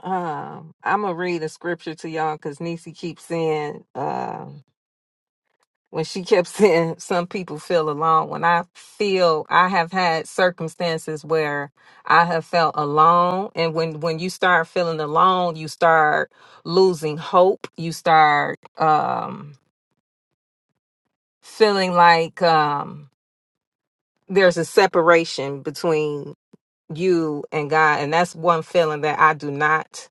Speaker 2: Um, I'm gonna read a scripture to y'all because Nisi keeps saying, um, when she kept saying, some people feel alone. When I feel I have had circumstances where I have felt alone, and when when you start feeling alone, you start losing hope. You start um feeling like um there's a separation between you and God and that's one feeling that I do not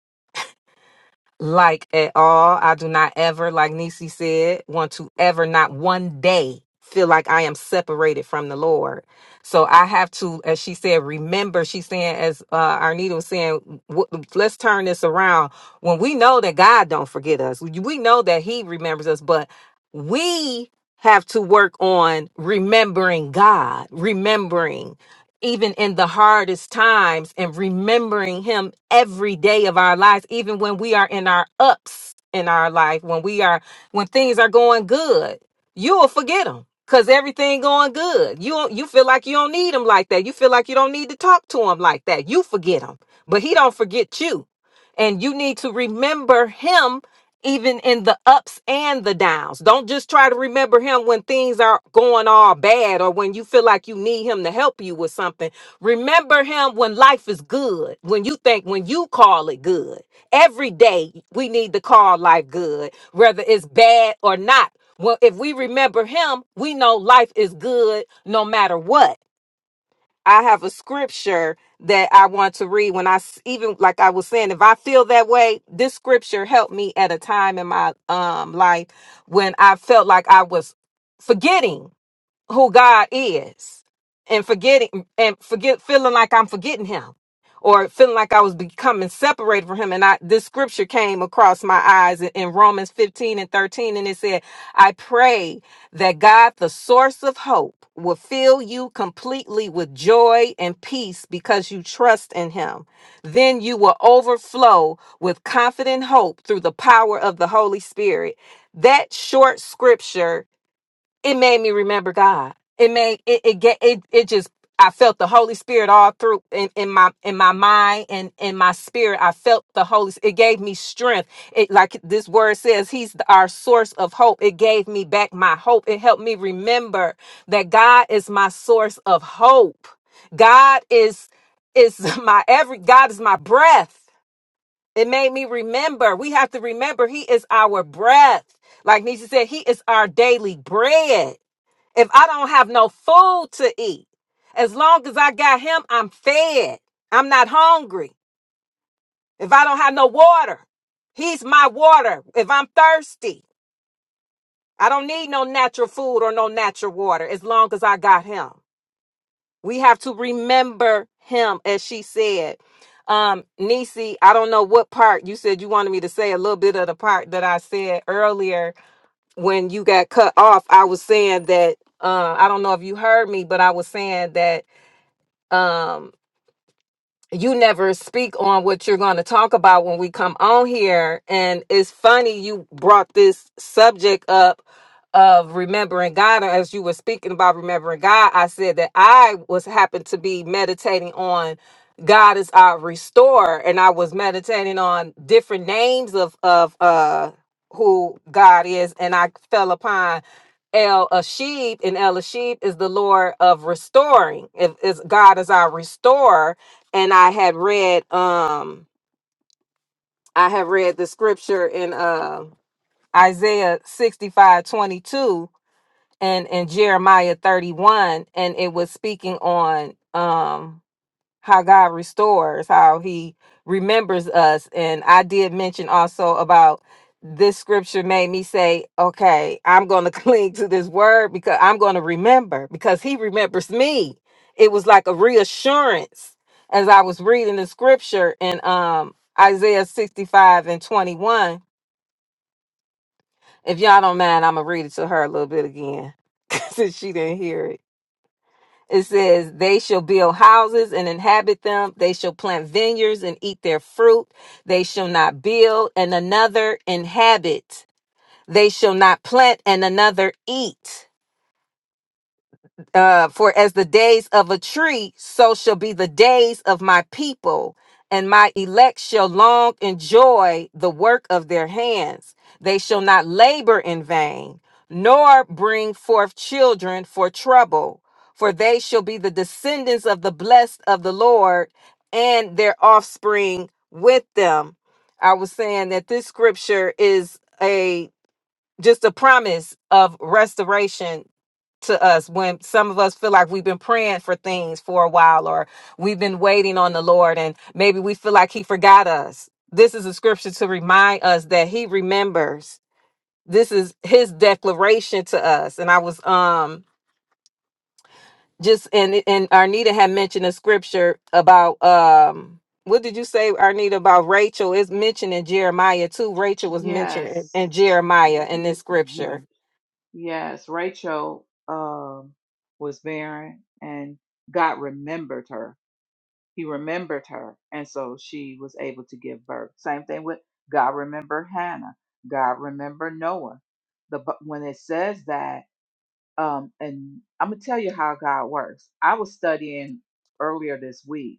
Speaker 2: like at all. I do not ever, like Nisi said, want to ever, not one day, feel like I am separated from the Lord. So I have to, as she said, remember. She's saying, as uh, Arnita was saying, w- let's turn this around. When we know that God don't forget us, we we know that He remembers us, but we have to work on remembering God, remembering even in the hardest times and remembering him every day of our lives even when we are in our ups in our life when we are when things are going good you'll forget him cuz everything going good you you feel like you don't need him like that you feel like you don't need to talk to him like that you forget him but he don't forget you and you need to remember him even in the ups and the downs. Don't just try to remember him when things are going all bad or when you feel like you need him to help you with something. Remember him when life is good, when you think, when you call it good. Every day we need to call life good, whether it's bad or not. Well, if we remember him, we know life is good no matter what. I have a scripture that I want to read when I s- even like I was saying if I feel that way this scripture helped me at a time in my um life when I felt like I was forgetting who God is and forgetting and forget feeling like I'm forgetting him or feeling like I was becoming separated from him and I this scripture came across my eyes in, in Romans 15 and 13 and it said I pray that God the source of hope will fill you completely with joy and peace because you trust in him then you will overflow with confident hope through the power of the Holy Spirit that short scripture it made me remember God. It made it it get it it just I felt the Holy Spirit all through in, in my in my mind and in my spirit. I felt the Holy. It gave me strength. It like this word says, He's the- our source of hope. It gave me back my hope. It helped me remember that God is my source of hope. God is is my every. God is my breath. It made me remember. We have to remember He is our breath. Like Nisha said, He is our daily bread. If I don't have no food to eat, as long as I got him, I'm fed. I'm not hungry. If I don't have no water, he's my water. If I'm thirsty, I don't need no natural food or no natural water as long as I got him. We have to remember him, as she said. Um, Nisi, I don't know what part you said you wanted me to say a little bit of the part that I said earlier when you got cut off. I was saying that uh, I don't know if you heard me, but I was saying that Um, you never speak on what you're going to talk about when we come on here and it's funny you brought this subject up of remembering God Or as you were speaking about remembering God I said that I was happened to be meditating on God is our restorer and I was meditating on different names of of uh who God is and I fell upon El Ashib, and El Ashib is the Lord of restoring. If is God is our restorer, and I had read um I have read the scripture in uh, Isaiah 65 22 and and Jeremiah 31 and it was speaking on um how God restores, how He remembers us. And I did mention also about this scripture made me say, okay, I'm going to cling to this word because I'm going to remember because He remembers me. It was like a reassurance as I was reading the scripture in um, Isaiah 65 and 21. If y'all don't mind, I'm going to read it to her a little bit again since she didn't hear it. It says, They shall build houses and inhabit them. They shall plant vineyards and eat their fruit. They shall not build and another inhabit. They shall not plant and another eat uh, for as the days of a tree, so shall be the days of my people, and my elect shall long enjoy the work of their hands. They shall not labor in vain, nor bring forth children for trouble, for they shall be the descendants of the blessed of the Lord, and their offspring with them. I was saying that this scripture is a just a promise of restoration to us when some of us feel like we've been praying for things for a while or we've been waiting on the Lord and maybe we feel like he forgot us. This is a scripture to remind us that he remembers. This is his declaration to us. And I was um just and and Arnita had mentioned a scripture about um what did you say, Arnita, about Rachel? It's mentioned in Jeremiah too. Rachel was mentioned in
Speaker 3: Yes.
Speaker 2: in Jeremiah in this
Speaker 3: M-
Speaker 2: scripture
Speaker 3: Yes, Rachel um, was barren and God remembered her. He remembered her, and so she was able to give birth. Same thing with God remembered Hannah. God remembered Noah. The bu- when it says that, um, and I'm gonna tell you how God works. I was studying earlier this week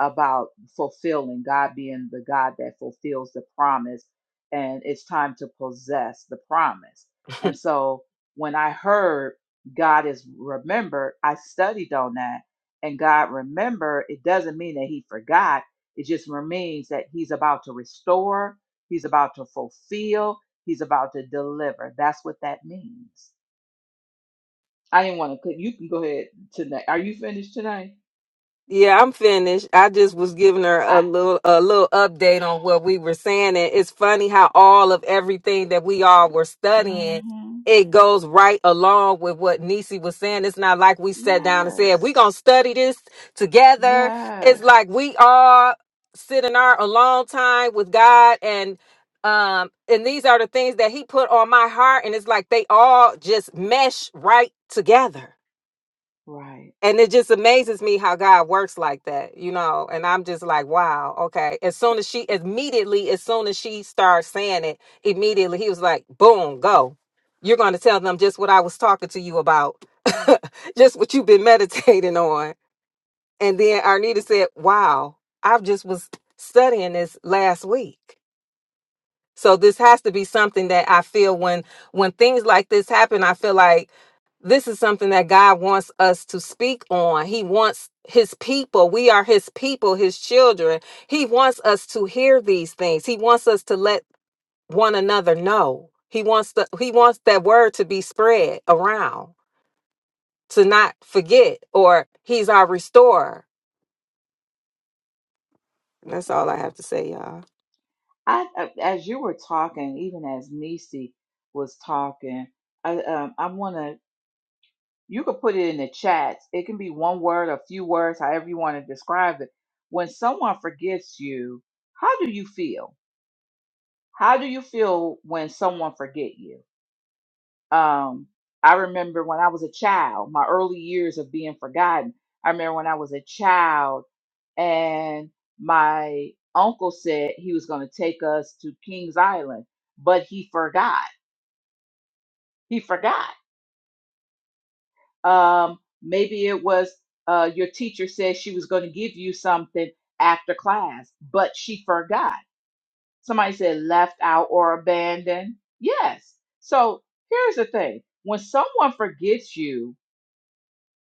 Speaker 3: about fulfilling, God being the God that fulfills the promise, and it's time to possess the promise. And so when I heard God is remembered, I studied on that. And God remember, it doesn't mean that he forgot. It just means that he's about to restore, he's about to fulfill, he's about to deliver. That's what that means. I didn't want to. You can go ahead tonight. Are you finished tonight?
Speaker 2: Yeah, I'm finished. I just was giving her
Speaker 3: I.
Speaker 2: a little a little update on what we were saying. And it's funny how all of everything that we all were studying,
Speaker 3: hmm
Speaker 2: it goes right along with what Nisi was saying. It's not like we sat down and said,
Speaker 3: Yes.
Speaker 2: We're gonna study this together.
Speaker 3: Yes,
Speaker 2: It's like we all sit in our alone time with God and um and these are the things that he put on my heart and it's like they all just mesh right together
Speaker 3: right.
Speaker 2: and it just amazes me how God works like that, you know. And I'm just like, wow, okay. As soon as she, immediately, as soon as she starts saying it, immediately he was like, boom, go. You're going to tell them just what I was talking to you about, just what you've been meditating on. And then Arnita said, wow, I just was studying this last week. So this has to be something that I feel when when things like this happen, I feel like this is something that God wants us to speak on. He wants his people, we are his people, his children. He wants us to hear these things. He wants us to let one another know. He wants the he wants that word to be spread around, to not forget or he's our restorer. And that's all I have to say, y'all.
Speaker 3: I, I as you were talking, even as Nisi was talking, I um I want to you could put it in the chats. It can be one word, a few words, however you want to describe it. When someone forgets you, how do you feel? How do you feel when someone forget you? Um, I remember when I was a child, my early years of being forgotten. I remember when I was a child and my uncle said he was going to take us to Kings Island, but he forgot. He forgot. Um, maybe it was uh, your teacher said she was going to give you something after class, but she forgot. Somebody said left out or abandoned. Yes. So here's the thing when someone forgets you,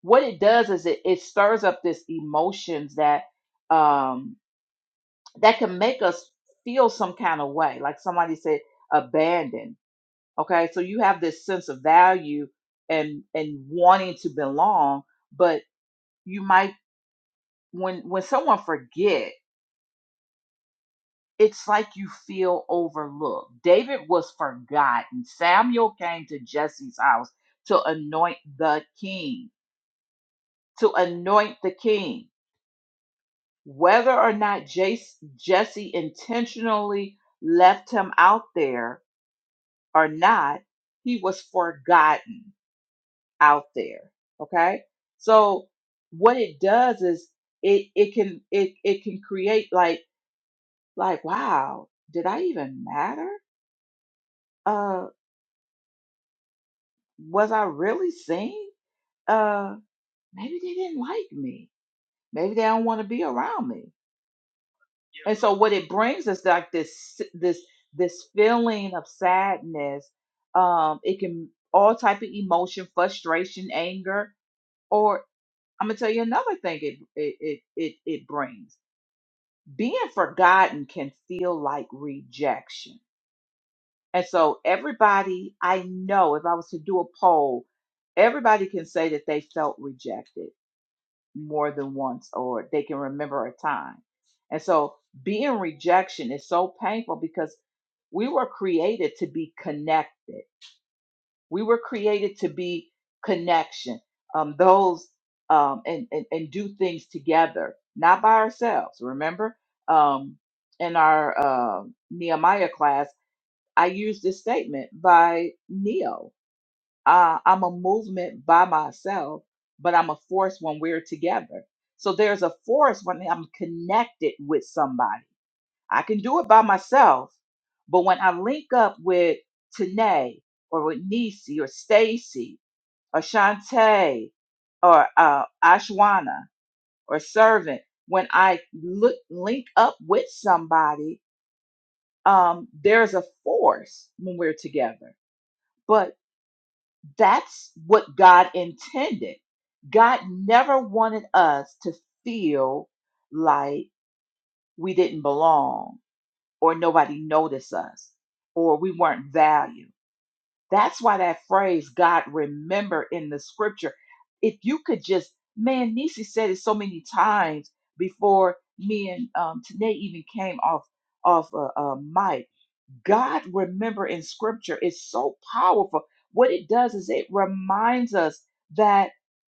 Speaker 3: what it does is it, it stirs up this emotions that um that can make us feel some kind of way like somebody said abandoned okay so you have this sense of value and and wanting to belong but you might when when someone forget it's like you feel overlooked david was forgotten samuel came to jesse's house to anoint the king to anoint the king Whether or not Jace, Jesse intentionally left him out there or not, he was forgotten out there. Okay? So what it does is it it can it it can create like like wow, did I even matter? Uh was I really seen? Uh maybe they didn't like me. Maybe they don't want to be around me. And so what it brings is like this this this feeling of sadness. Um, it can all type of emotion, frustration, anger, or I'm gonna tell you another thing it it it it, it brings. Being forgotten can feel like rejection. And so everybody I know, if I was to do a poll, everybody can say that they felt rejected more than once or they can remember a time. And so being rejection is so painful because we were created to be connected. We were created to be connection. Um, those um, and, and and do things together, not by ourselves. Remember, um, in our um Nehemiah class, I used this statement by Neo uh, I'm a movement by myself, but I'm a force when we're together. So there's a force when I'm connected with somebody. I can do it by myself, but when I link up with Tanae or with Nisi or Stacy or Shantae or uh, Ashwana or Servant, when I look, link up with somebody, um, there's a force when we're together. But That's what God intended. God never wanted us to feel like we didn't belong or nobody noticed us or we weren't valued. That's why that phrase, God remember in the scripture, if you could just, man, Nisi said it so many times before me and um, Tanae even came off off a, a mic God remember in scripture is so powerful. What it does is it reminds us that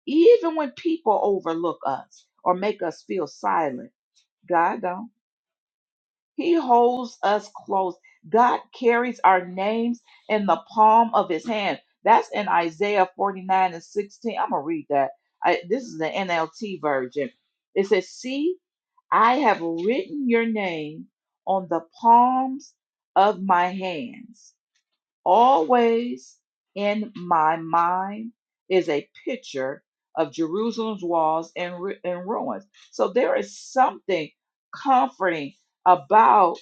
Speaker 3: even when people overlook us or make us feel silent, God don't. He holds us close. God carries our names in the palm of his hand. That's in Isaiah 49 and 16. I'm going to read that. I, this is the NLT version. It says, See, I have written your name on the palms of my hands. Always in my mind is a picture of Jerusalem's walls and, ru- and ruins. So there is something comforting about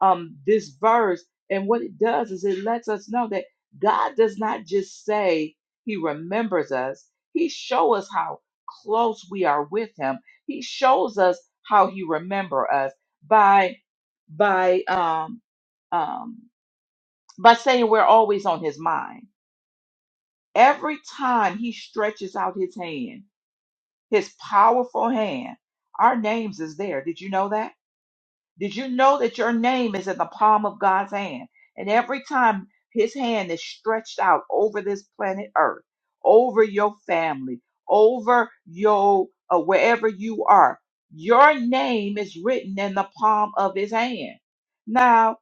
Speaker 3: um, this verse. And what it does is it lets us know that God does not just say he remembers us, he shows us how close we are with him. He shows us how he remembers us by by um, um, by saying we're always on his mind. Every time he stretches out his hand, his powerful hand, our names is there. Did you know that? Did you know that your name is in the palm of God's hand? And every time his hand is stretched out over this planet Earth, over your family, over your uh, wherever you are, your name is written in the palm of his hand. Now,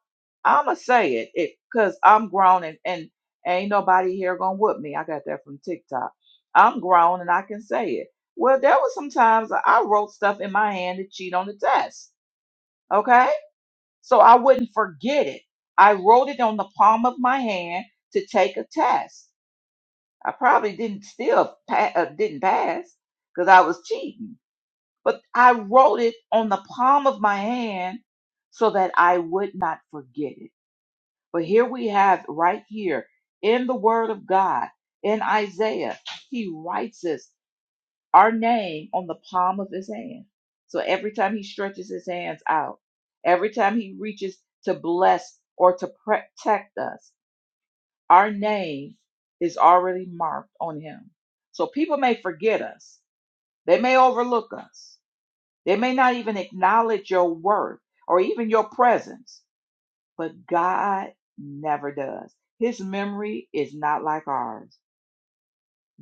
Speaker 3: I'm going to say it because I'm grown and, and ain't nobody here going to whoop me. I got that from TikTok. I'm grown and I can say it. Well, there was some times I wrote stuff in my hand to cheat on the test. Okay so I wouldn't forget it. I wrote it on the palm of my hand to take a test. I probably didn't still pa- uh, didn't pass because I was cheating, but I wrote it on the palm of my hand so that I would not forget it. But here we have right here in the Word of God in Isaiah, He writes this our name on the palm of his hand. So every time he stretches his hands out, every time he reaches to bless or to protect us, our name is already marked on him. So people may forget us, they may overlook us, they may not even acknowledge your worth or even your presence, but God never does. His memory is not like ours.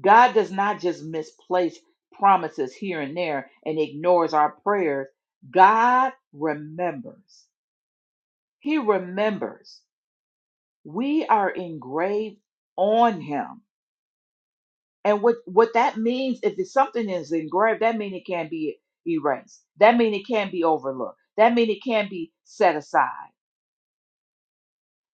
Speaker 3: God does not just misplace promises here and there and ignores our prayers. God remembers. He remembers. We are engraved on him. And what, what that means, if it's something is engraved, that means it can't be erased. That means it can't be overlooked. That means it can't be set aside.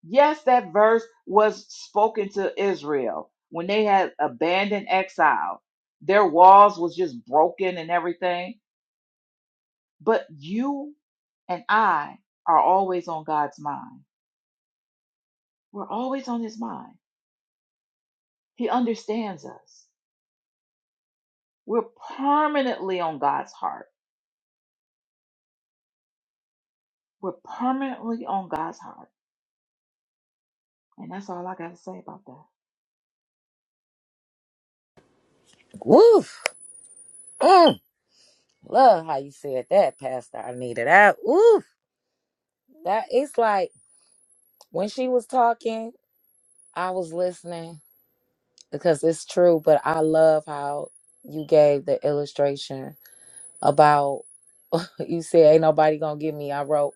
Speaker 3: Yes, that verse was spoken to Israel when they had abandoned exile. Their walls was just broken and everything But you and I are always on God's mind. We're always on His mind. He understands us. We're permanently on God's heart. We're permanently on God's heart. And that's all I got to say about that.
Speaker 1: Woof. Mm. Love how you said that, Pastor. I needed that. Oof. That it's like when she was talking, I was listening because it's true. But I love how you gave the illustration about. You said ain't nobody gonna get me. I wrote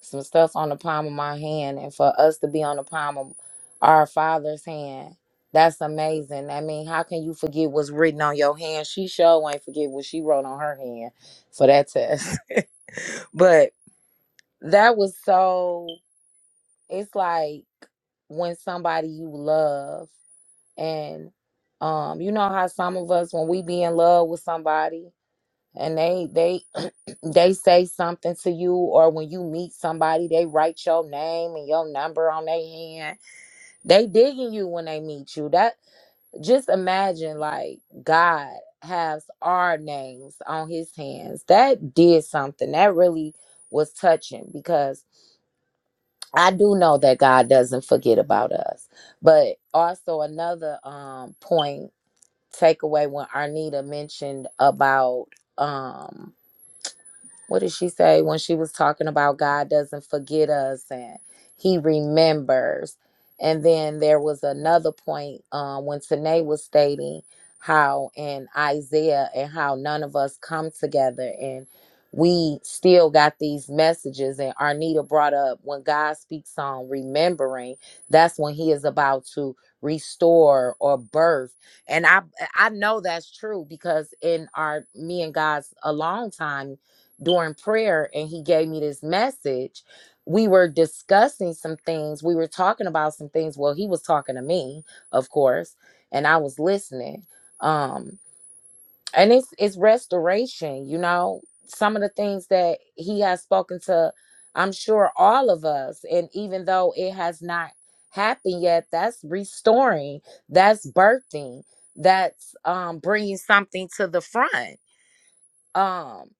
Speaker 1: some stuff on the palm of my hand, and for us to be on the palm of our Father's hand, that's amazing. I mean, how can you forget what's written on your hand? She sure ain't forget what she wrote on her hand for that test. But that was so. It's like when somebody you love and um you know how some of us when we be in love with somebody and they they they say something to you or when you meet somebody they write your name and your number on their hand they digging you when they meet you that just imagine like god has our names on his hands that did something that really was touching because i do know that god doesn't forget about us but also another um point takeaway when arnita mentioned about um. what did she say when she was talking about God doesn't forget us and He remembers? And then there was another point um, when Tanae was stating how in Isaiah and how none of us come together and we still got these messages. And Arnita brought up when God speaks on remembering, that's when He is about to restore or birth. And I I know that's true because in our me and God's a long time during prayer and he gave me this message. We were discussing some things. We were talking about some things. Well, he was talking to me, of course, and I was listening. Um, and it's it's restoration, you know, some of the things that he has spoken to, I'm sure all of us. And even though it has not happened yet, that's restoring, that's birthing, that's um bringing something to the front. Um,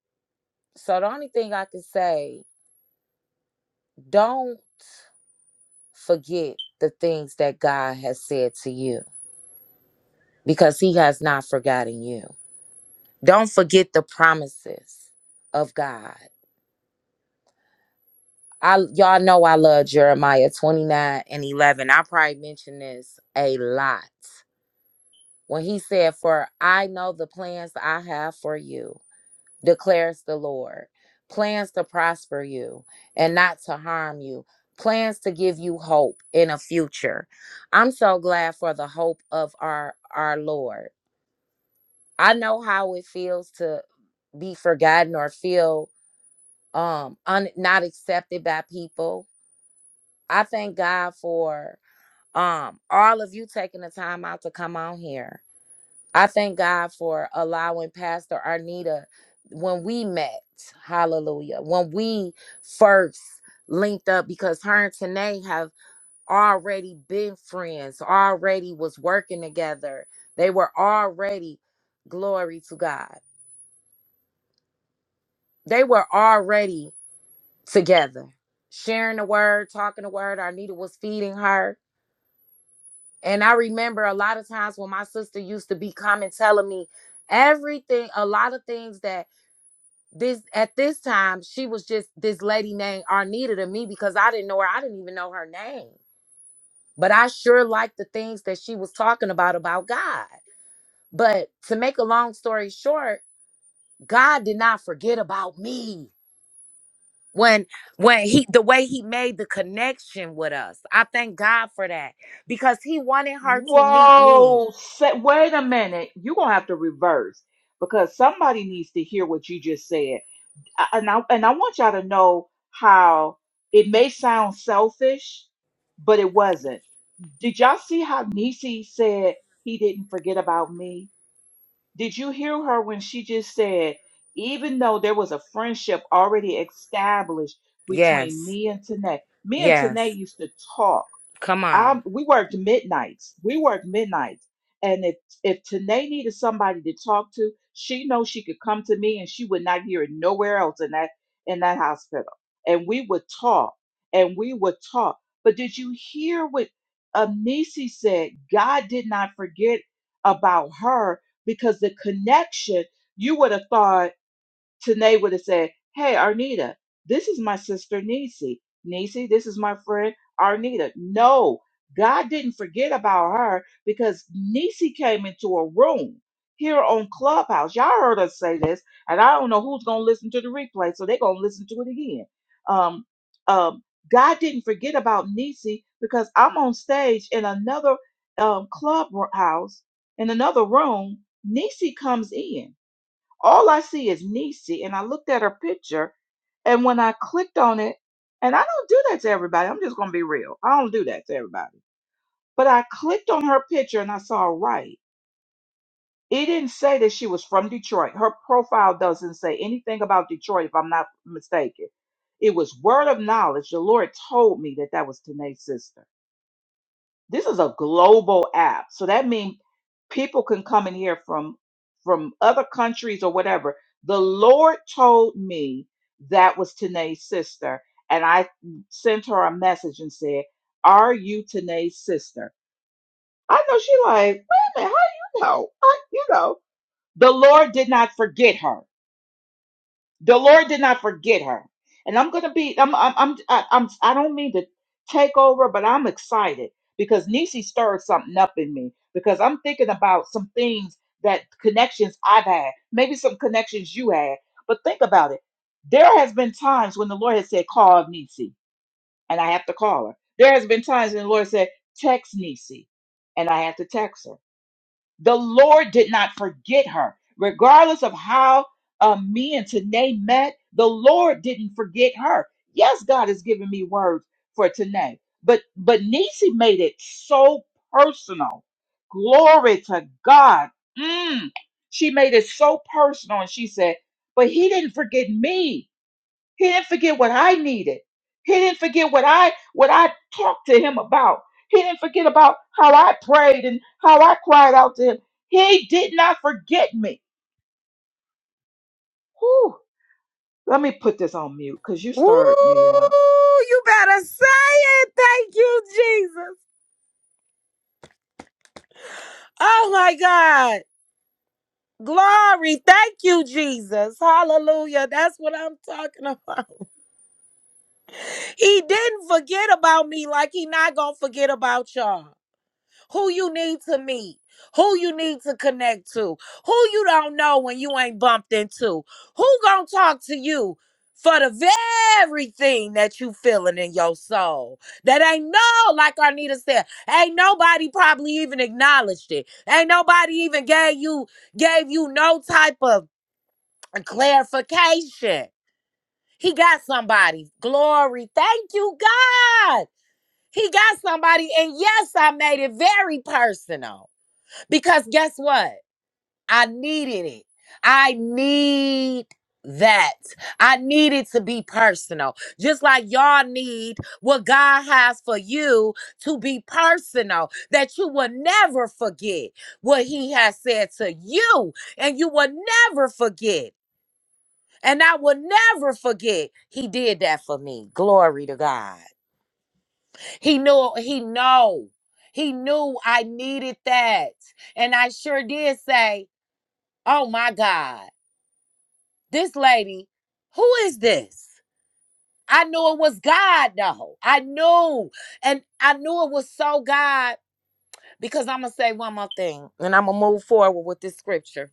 Speaker 1: so the only thing I can say Don't forget the things that God has said to you because he has not forgotten you. Don't forget the promises of God. I y'all know I love Jeremiah 29 and 11. I probably mention this a lot. When he said, "For I know the plans I have for you." declares the Lord. Plans to prosper you and not to harm you. Plans to give you hope in a future. I'm so glad for the hope of our our Lord. I know how it feels to be forgotten or feel um un, not accepted by people. I thank God for um all of you taking the time out to come on here. I thank God for allowing Pastor Arnita when we met, hallelujah, when we first linked up because her and Tanae have already been friends, already was working together. They were already, glory to God, they were already together, sharing the word, talking the word. Arnita was feeding her. And I remember a lot of times when my sister used to be coming telling me everything, a lot of things that this at this time she was just this lady named Arnita to me because I didn't know her. I didn't even know her name. But I sure liked the things that she was talking about about God. But to make a long story short, God did not forget about me when when he the way he made the connection with us. I thank God for that because he wanted her to meet me.
Speaker 3: Whoa, say, wait a minute. You're going to have to reverse because somebody needs to hear what you just said. I- And I, and I want y'all to know how it may sound selfish, but it wasn't Did y'all see how Nisi said he didn't forget about me? Did you hear her when she just said, even though there was a friendship already established between
Speaker 1: Yes.
Speaker 3: me and Tanae, me and
Speaker 1: Yes.
Speaker 3: Tanae used to talk
Speaker 1: Come on.
Speaker 3: I we worked midnights. We worked midnights. And if if Tanae needed somebody to talk to, she knows she could come to me and she would not hear it nowhere else in that in that hospital. And we would talk and we would talk. But did you hear what Amnisi said? God did not forget about her because the connection you would have thought Tanae would have said, Hey, Arnita, this is my sister Nisi. Nisi, this is my friend Arnita. No, God didn't forget about her because Nisi came into a room here on Clubhouse. Y'all heard us say this, and I don't know who's going to listen to the replay, so they're going to listen to it again. Um, um, God didn't forget about Nisi because I'm on stage in another um, clubhouse, in another room. Nisi comes in. All I see is Nisi, and I looked at her picture, and when I clicked on it, and I don't do that to everybody. I'm just gonna be real. I don't do that to everybody. But I clicked on her picture and I saw right. It didn't say that she was from Detroit. Her profile doesn't say anything about Detroit, if I'm not mistaken. It was word of knowledge. The Lord told me that that was Tanae's sister. This is a global app. So that means people can come in here from from other countries or whatever. The Lord told me that was Tanae's sister. And I sent her a message and said, Are you Tanae's sister? I know she like, wait a minute, how do you know? I, you know. The Lord did not forget her. The Lord did not forget her. And I'm gonna be I'm I'm I'm I- I'm I don't mean to take over, but I'm excited because Nisi stirred something up in me because I'm thinking about some things that connections I've had, maybe some connections you had, but think about it. There has been times when the Lord has said, call Nisi, and I have to call her. There has been times when the Lord said, text Nisi, and I have to text her. The Lord did not forget her. Regardless of how uh, me and Tanae met, the Lord didn't forget her. Yes, God has given me words for Tanae, but but Nisi made it so personal. Glory to God. Mm. She made it so personal, and she said, "But He didn't forget me." He didn't forget what I needed. He didn't forget what I what I talked to him about. He didn't forget about how I prayed and how I cried out to him. He did not forget me. Whew. Let me put this on mute because you
Speaker 1: Ooh,
Speaker 3: stirred me up.
Speaker 1: you better say it. Thank you, Jesus. Oh my God. Glory. Thank you, Jesus. Hallelujah. That's what I'm talking about. He didn't forget about me like he not going to forget about y'all. who you need to meet, who you need to connect to, who you don't know when you ain't bumped into, who gonna talk to you for the very thing that you feeling in your soul. That ain't no, like Arnita said, ain't nobody probably even acknowledged it. Ain't nobody even gave you gave you no type of clarification. He got somebody. Glory. Thank you, God. He got somebody. And yes, I made it very personal. Because guess what? I needed it. I need that. I need it to be personal. Just like y'all need what God has for you to be personal, that you will never forget what He has said to you, and you will never forget. And I will never forget he did that for me. Glory to God. He knew he know. He knew I needed that. And I sure did say Oh my God. This lady, who is this? I knew it was God though. I knew. And I knew it was so God because I'm going to say one more thing and I'm going to move forward with this scripture.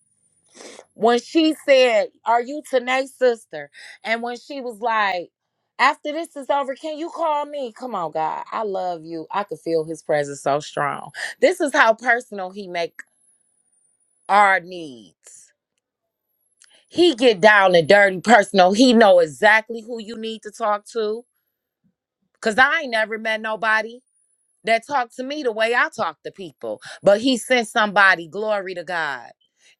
Speaker 1: When she said, Are you Tanae's sister? And when she was like, after this is over, can you call me? Come on, God. I love you. I could feel his presence so strong. This is how personal he make our needs. He get down and dirty personal. He know exactly who you need to talk to. Cause I ain't never met nobody that talk to me the way I talk to people. But he sent somebody, glory to God,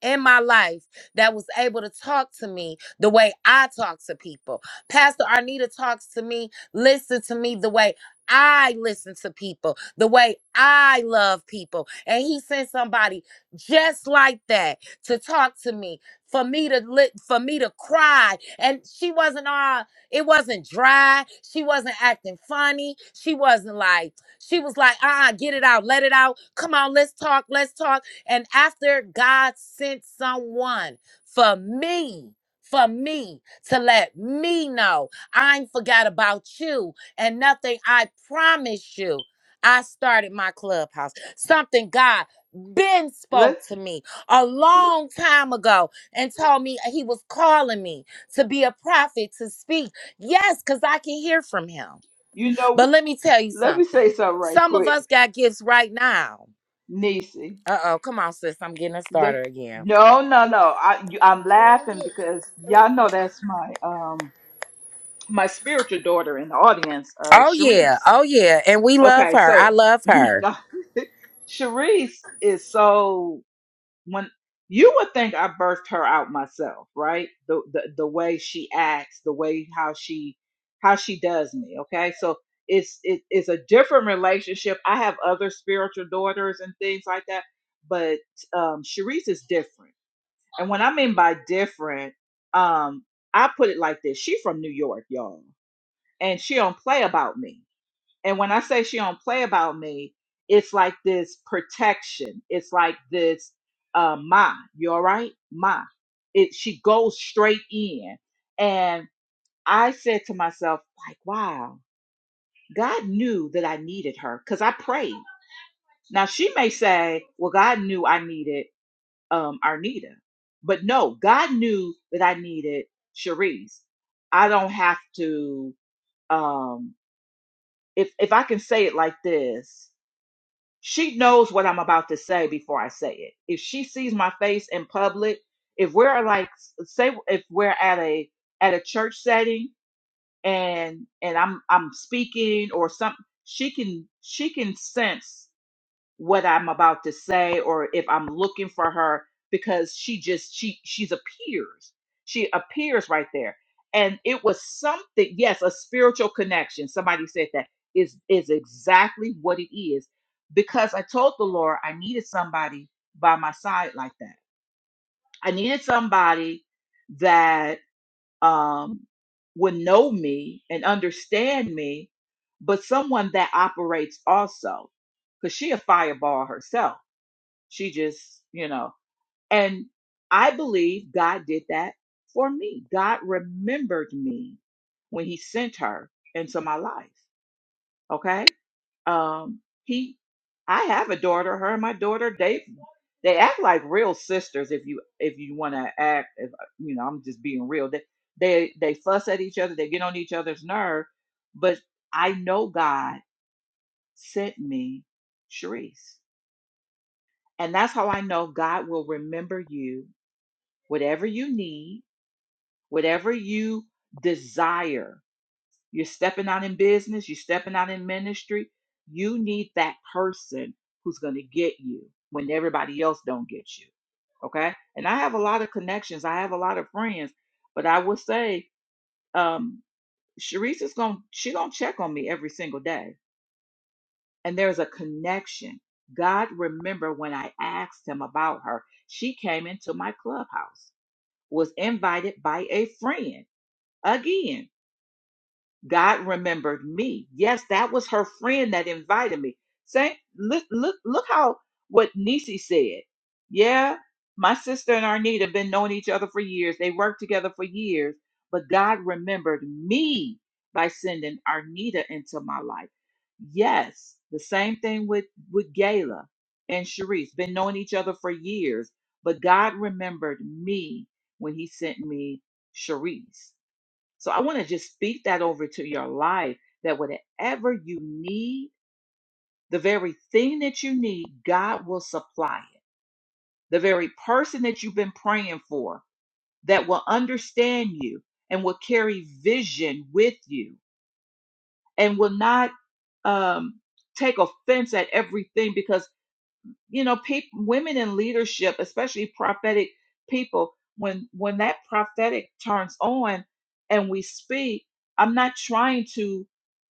Speaker 1: in my life that was able to talk to me the way I talk to people. Pastor Arnita talks to me, listen to me the way I listen to people, the way I love people. And he sent somebody just like that to talk to me. For me to lit, for me to cry, and she wasn't all. It wasn't dry. She wasn't acting funny. She wasn't like she was like, ah, uh-uh, get it out, let it out. Come on, let's talk, let's talk. And after God sent someone for me, for me to let me know I ain't forgot about you and nothing I promise you. I started my clubhouse. Something God Ben spoke
Speaker 3: Let
Speaker 1: to me a long time ago and told me uh, he was calling me to be a prophet to speak. Yes, because I can hear from him.
Speaker 3: you
Speaker 1: But
Speaker 3: know.
Speaker 1: let me tell you
Speaker 3: Let me
Speaker 1: something.
Speaker 3: say something right
Speaker 1: Some of
Speaker 3: quick,
Speaker 1: us got gifts right now.
Speaker 3: Nisi.
Speaker 1: Uh oh, come on, sis. I'm getting a
Speaker 3: Le-
Speaker 1: starter again.
Speaker 3: no, no, no. I you, I'm laughing because y'all know that's my um my spiritual daughter in the audience, uh,
Speaker 1: Oh, yeah.
Speaker 3: Sharice.
Speaker 1: Oh, yeah. And we love
Speaker 3: Okay,
Speaker 1: her. I
Speaker 3: so
Speaker 1: love her.
Speaker 3: Sharice is so when you would think I birthed her out myself, right? The, the the way she acts, the way how she how she does me. Okay, so it's it, it's a different relationship. I have other spiritual daughters and things like that, but um, Sharice is different. And when I mean by different, um, I put it like this: she from New York, y'all, and she don't play about me. And when I say she don't play about me, it's like this protection. It's like this, uh, ma, you all right? Ma. It she goes straight in. And I said to myself, like, wow, God knew that I needed her because I prayed. Now she may say, well, God knew I needed um Arnita. But no, God knew that I needed Cherise. I don't have to um if if I can say it like this, she knows what I'm about to say before I say it. If she sees my face in public, if we're like say if we're at a at a church setting and and I'm I'm speaking or something, she can she can sense what I'm about to say or if I'm looking for her because she just she she's appears. She appears right there. And it was something, yes, a spiritual connection. Somebody said that is is exactly what it is. Because I told the Lord I needed somebody by my side like that. I needed somebody that um would know me and understand me, but someone that operates also. Because she a fireball herself she just, you know, and I believe God did that for me. God remembered me when he sent her into my life. Okay? Um he I have a daughter, her and my daughter they they act like real sisters if you if you want to act if you know, I'm just being real. They they they fuss at each other, they get on each other's nerve, but I know God sent me Sharice. And that's how I know God will remember you whatever you need, whatever you desire. You're stepping out in business, you're stepping out in ministry. You need that person who's going to get you when everybody else don't get you. Okay? And I have a lot of connections. I have a lot of friends, but I will say um Sharice is going to she going to check on me every single day. And there's a connection. God remember when I asked him about her. She came into my clubhouse was invited by a friend Again, God remembered me. Yes, that was her friend that invited me. Say, look, look, look how what Nisi said. Yeah, my sister and Arnita have been knowing each other for years. They worked together for years, but God remembered me by sending Arnita into my life. Yes, the same thing with with Gayla and Sharice. Been knowing each other for years, but God remembered me when He sent me Sharice. So I want to just speak that over to your life that whatever you need, the very thing that you need, God will supply it. The very person that you've been praying for that will understand you and will carry vision with you and will not um, take offense at everything because you know peop women in leadership especially prophetic people when when that prophetic turns on and we speak i'm not trying to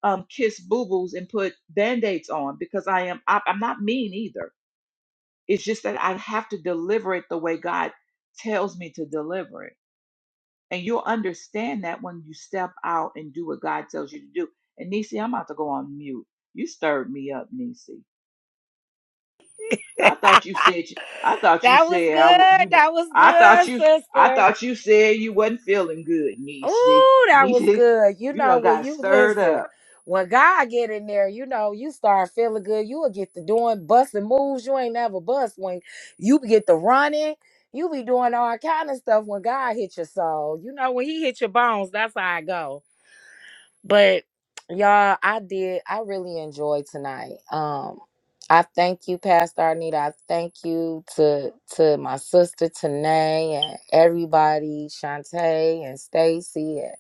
Speaker 3: um, kiss boo-boos and put band-aids on because i am I, i'm not mean either it's just that i have to deliver it the way god tells me to deliver it and you'll understand that when you step out and do what god tells you to do and nisi i'm about to go on mute you stirred me up nisi I thought you said you- I thought you
Speaker 1: That was
Speaker 3: said I w- you
Speaker 1: good.
Speaker 3: w-
Speaker 1: That was
Speaker 3: I thought
Speaker 1: good,
Speaker 3: you I
Speaker 1: sister.
Speaker 3: thought you said you wasn't feeling good, Niecy.
Speaker 1: Ooh, that was
Speaker 3: Niecy,
Speaker 1: good. You
Speaker 3: you
Speaker 1: know,
Speaker 3: done
Speaker 1: when
Speaker 3: got
Speaker 1: you
Speaker 3: stirred
Speaker 1: listen,
Speaker 3: up.
Speaker 1: when God get in there, you know, you start feeling good. You will get to doing busting moves you ain't never bust. When you get to running, you be doing all kind of stuff when God hit your soul. You know, when he hit your bones, that's how I go. But y'all, I did. I really enjoyed tonight. Um, I thank you, Pastor Arnita. I thank you to to my sister Tanae and everybody, Shantae and Stacy and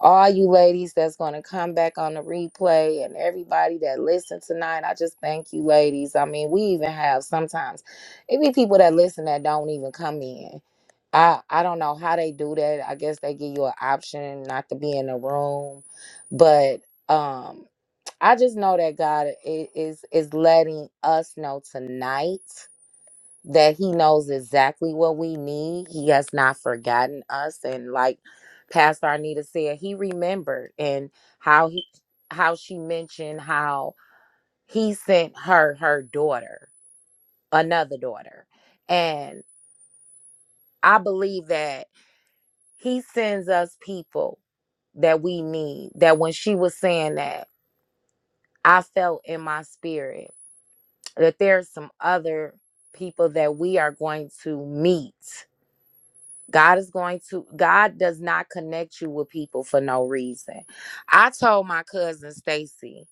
Speaker 1: all you ladies that's gonna come back on the replay and everybody that listened tonight. I just thank you, ladies. I mean, we even have sometimes it be people that listen that don't even come in. I I don't know how they do that. I guess they give you an option not to be in the room but um i just know that god i- is is letting us know tonight that he knows exactly what we need he has not forgotten us and like pastor arnita said he remembered and how he how she mentioned how he sent her her daughter another daughter and i believe that he sends us people that we need that when she was saying that i felt in my spirit that there's some other people that we are going to meet. God is going to, God does not connect you with people for no reason. I told my cousin Stacy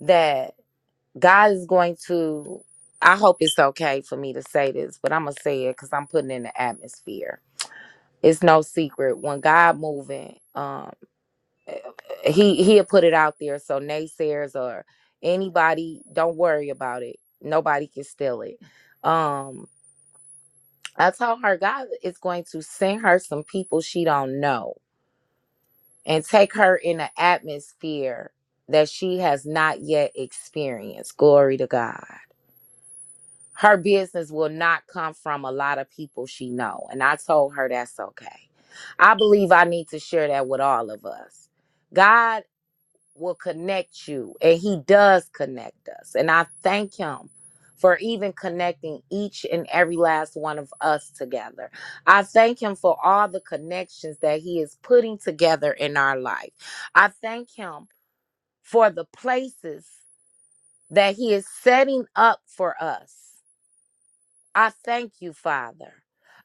Speaker 1: that God is going to, I hope it's okay for me to say this, but I'm going to say it because I'm putting in the atmosphere. It's no secret when God moving, um, eh, he he'll put it out there so naysayers or anybody don't worry about it. Nobody can steal it. Um, I told her God is going to send her some people she don't know and take her in an atmosphere that she has not yet experienced. Glory to God. Her business will not come from a lot of people she know, and I told her that's okay. I believe I need to share that with all of us. God will connect you and he does connect us and i thank him for even connecting each and every last one of us together i thank him for all the connections that he is putting together in our life i thank him for the places that he is setting up for us i thank you father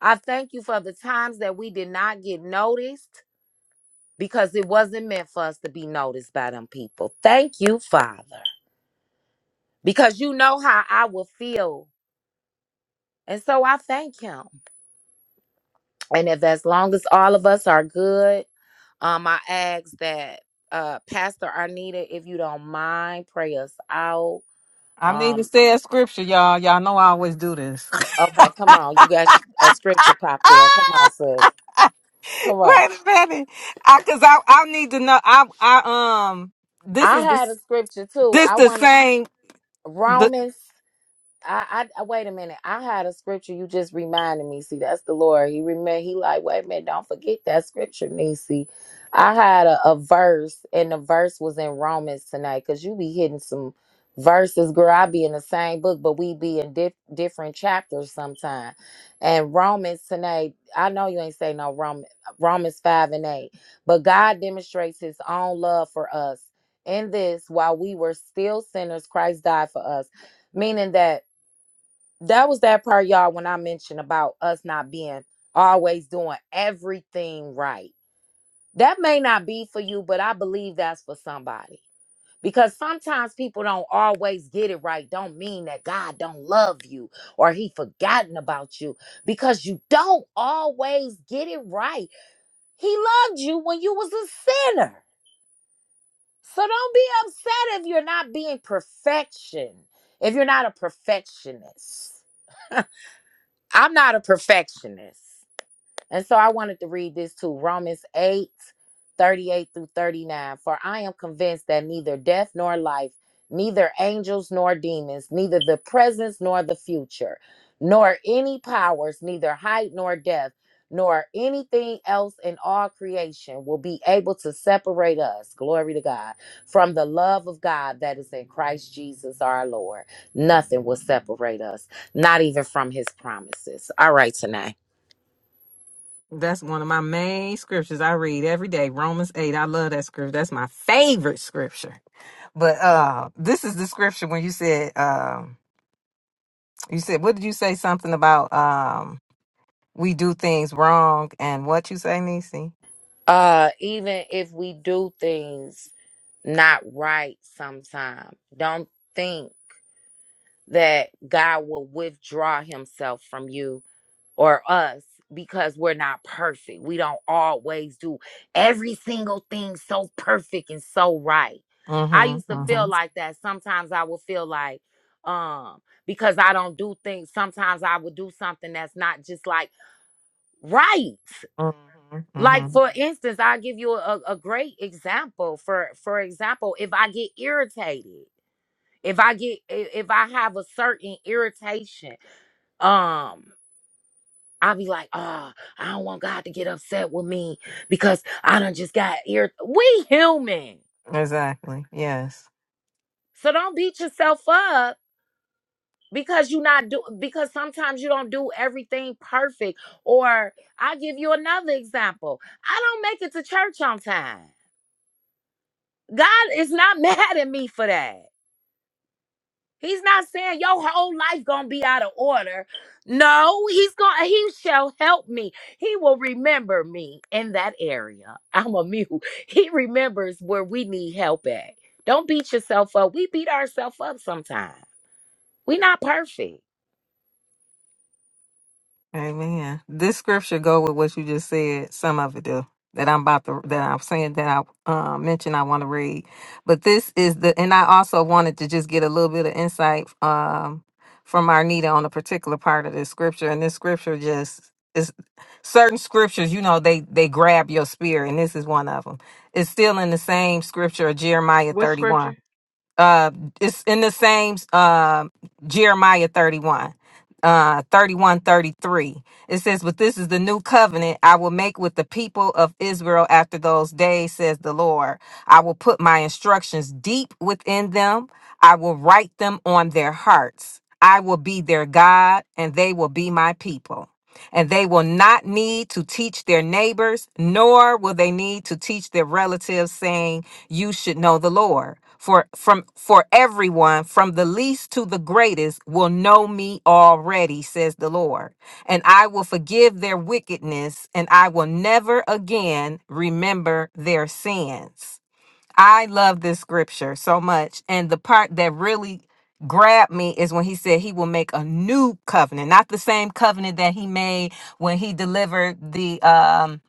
Speaker 1: i thank you for the times that we did not get noticed because it wasn't meant for us to be noticed by them people thank you father because you know how I will feel. And so I thank him. And if as long as all of us are good, um, I ask that uh Pastor Arnita, if you don't mind, pray us out.
Speaker 2: I need to
Speaker 1: Um,
Speaker 2: say a scripture, y'all. Y'all know I always do this.
Speaker 1: okay, come on. You got sh- a scripture popped in. Come on, sis. Come on.
Speaker 2: Wait a minute, I because I I need to know. I I um this
Speaker 1: I
Speaker 2: is this,
Speaker 1: had a scripture too.
Speaker 2: this
Speaker 1: I
Speaker 2: the
Speaker 1: wanted
Speaker 2: same. The
Speaker 1: Romans. I, I wait a minute. I had a scripture you just reminded me. See, that's the Lord. He remember. He like, wait a minute. Don't forget that scripture, Nisi. I had a, a verse, and the verse was in Romans tonight. Cause you be hitting some verses, girl. I be in the same book, but we be in dif- different chapters sometime. And Romans tonight. I know you ain't say no Rom- Romans five and eight, but God demonstrates His own love for us in this while we were still sinners, Christ died for us, meaning that that was that part, y'all, when I mentioned about us not being always doing everything right. That may not be for you, but I believe that's for somebody. Because sometimes people don't always get it right. Don't mean that God don't love you or he forgotten about you because you don't always get it right. He loved you when you was a sinner. So don't be upset if you're not being perfection. If you're not a perfectionist. I'm not a perfectionist. And so I wanted to read this too. Romans 8, 38 through 39. For I am convinced that neither death nor life, neither angels nor demons, neither the presence nor the future, nor any powers, neither height nor depth, nor anything else in all creation will be able to separate us, glory to God, from the love of God that is in Christ Jesus our Lord. Nothing will separate us, not even from his promises. All right, tonight.
Speaker 2: that's one of my main scriptures I read every day. Romans eight. I love that scripture. That's my favorite scripture. But uh, this is the scripture when you said um you said what did you say something about um we do things wrong and what you say, Nisi?
Speaker 1: uh even if we do things not right sometime don't think that god will withdraw himself from you or us because we're not perfect we don't always do every single thing so perfect and so right i
Speaker 2: Mm-hmm.
Speaker 1: used to feel
Speaker 2: Mm-hmm.
Speaker 1: like that sometimes i would feel like um because i don't do things sometimes i would do something that's not just like right
Speaker 2: Mm-hmm.
Speaker 1: like
Speaker 2: Mm-hmm.
Speaker 1: for instance i'll give you a, a great example for for example if i get irritated if i get i- if i have a certain irritation um i'll be like oh i don't want god to get upset with me because i don't just got ir we human
Speaker 2: Exactly. Yes.
Speaker 1: so don't beat yourself up because you not do because sometimes you don't do everything perfect or i'll give you another example i don't make it to church on time God is not mad at me for that. He's not saying your whole life gonna be out of order. No, he's gonna he shall help me. He will remember me in that area. I'm a mute. He remembers where we need help at. Don't beat yourself up. We beat ourselves up sometimes. we are not perfect.
Speaker 2: Amen. This scripture go with what you just said. Some of it do that I'm about to that I'm saying that I uh, mentioned I want to read. But this is the and I also wanted to just get a little bit of insight um, from Arnita on a particular part of this scripture. And this scripture just is certain scriptures, you know, they they grab your spirit, and this is one of them. It's still in the same scripture, Jeremiah
Speaker 3: What
Speaker 2: 31
Speaker 3: scripture?
Speaker 2: uh it's in the same uh, jeremiah 31 uh 31 thirty-three. it says but this is the new covenant i will make with the people of israel after those days says the lord i will put my instructions deep within them i will write them on their hearts i will be their god and they will be my people and they will not need to teach their neighbors, nor will they need to teach their relatives, saying, You should know the Lord. For from for everyone, from the least to the greatest, will know me already, says the Lord. And I will forgive their wickedness, and I will never again remember their sins. I love this scripture so much. And the part that really grabbed me is when he said he will make a new covenant, not the same covenant that he made when he delivered the um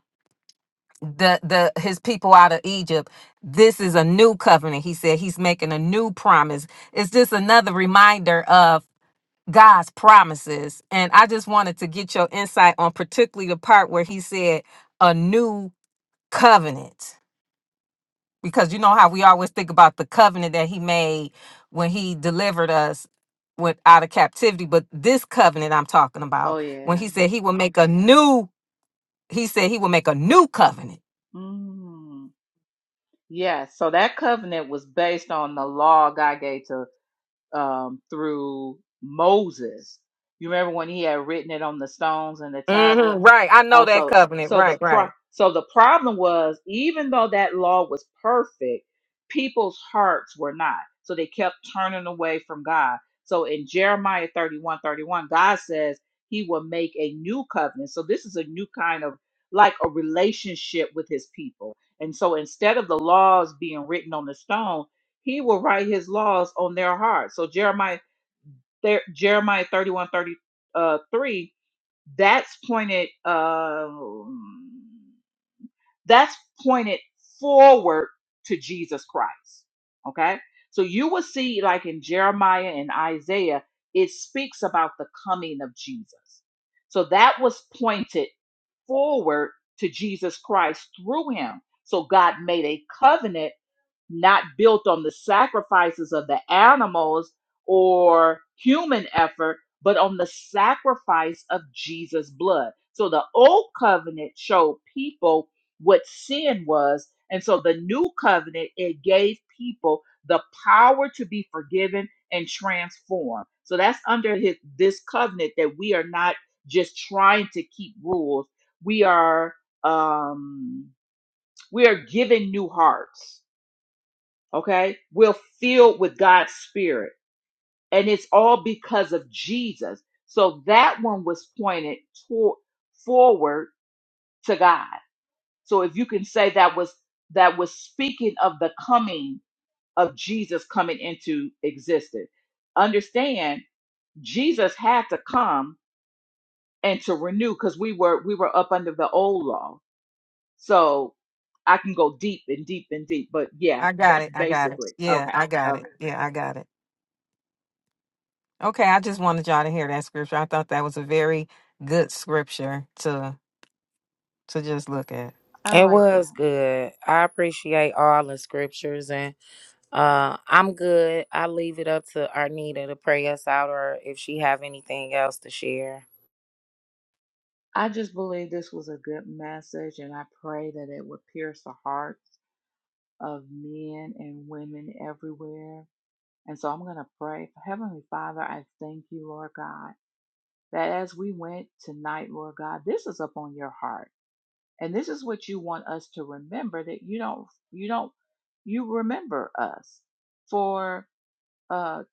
Speaker 2: the the his people out of Egypt. This is a new covenant. He said he's making a new promise. It's just another reminder of God's promises. And I just wanted to get your insight on particularly the part where he said a new covenant because you know how we always think about the covenant that he made when he delivered us with out of captivity but this covenant i'm talking
Speaker 3: Oh,
Speaker 2: about when
Speaker 3: yeah.
Speaker 2: he said he will make a new he said he will make a new covenant
Speaker 3: Mm. Yeah, so that covenant was based on the law God gave to um, through Moses. You remember when he had written it on the stones and the
Speaker 2: hmm
Speaker 3: tablets.
Speaker 2: right i know
Speaker 3: Uh,
Speaker 2: that
Speaker 3: so
Speaker 2: covenant
Speaker 3: so the
Speaker 2: right
Speaker 3: pro-
Speaker 2: right
Speaker 3: so the problem was even though that law was perfect, people's hearts were not. So they kept turning away from God. So in Jeremiah 31 31, God says he will make a new covenant. So this is a new kind of like a relationship with his people. And so instead of the laws being written on the stone, he will write his laws on their hearts. So Jeremiah there, Jeremiah 31 30 3. uh, that's pointed um that's pointed forward to Jesus Christ. Okay? So you will see like in Jeremiah and Isaiah, it speaks about the coming of Jesus. So that was pointed forward to Jesus Christ through him. So God made a covenant not built on the sacrifices of the animals or human effort, but on the sacrifice of Jesus' blood. So the old covenant showed people what sin was. And so the new covenant, it gave people the power to be forgiven and transformed. So that's under his, this covenant that we are not just trying to keep rules. We are um, we are given new hearts okay we're filled with god's spirit and it's all because of jesus so that one was pointed toward forward to god so if you can say that was that was speaking of the coming of jesus coming into existence understand jesus had to come and to renew because we were we were up under the old law so i can go deep and deep and deep but yeah
Speaker 2: i got
Speaker 3: that's
Speaker 2: it i got it
Speaker 3: basically
Speaker 2: yeah
Speaker 3: okay
Speaker 2: i got
Speaker 3: okay
Speaker 2: it yeah i got it okay i just wanted y'all to hear that scripture i thought that was a very good scripture to to just look at
Speaker 3: i
Speaker 1: It
Speaker 3: like that
Speaker 1: was good. I appreciate all the scriptures, and uh, I'm good. I leave it up to Arnita to pray us out, or if she have anything else to share.
Speaker 3: I just believe this was a good message, and I pray that it would pierce the hearts of men and women everywhere. And so I'm going to pray. Heavenly Father, I thank you, Lord God, that as we went tonight, Lord God, this is upon your heart. And this is what you want us to remember that you don't, you don't, you remember us for uh,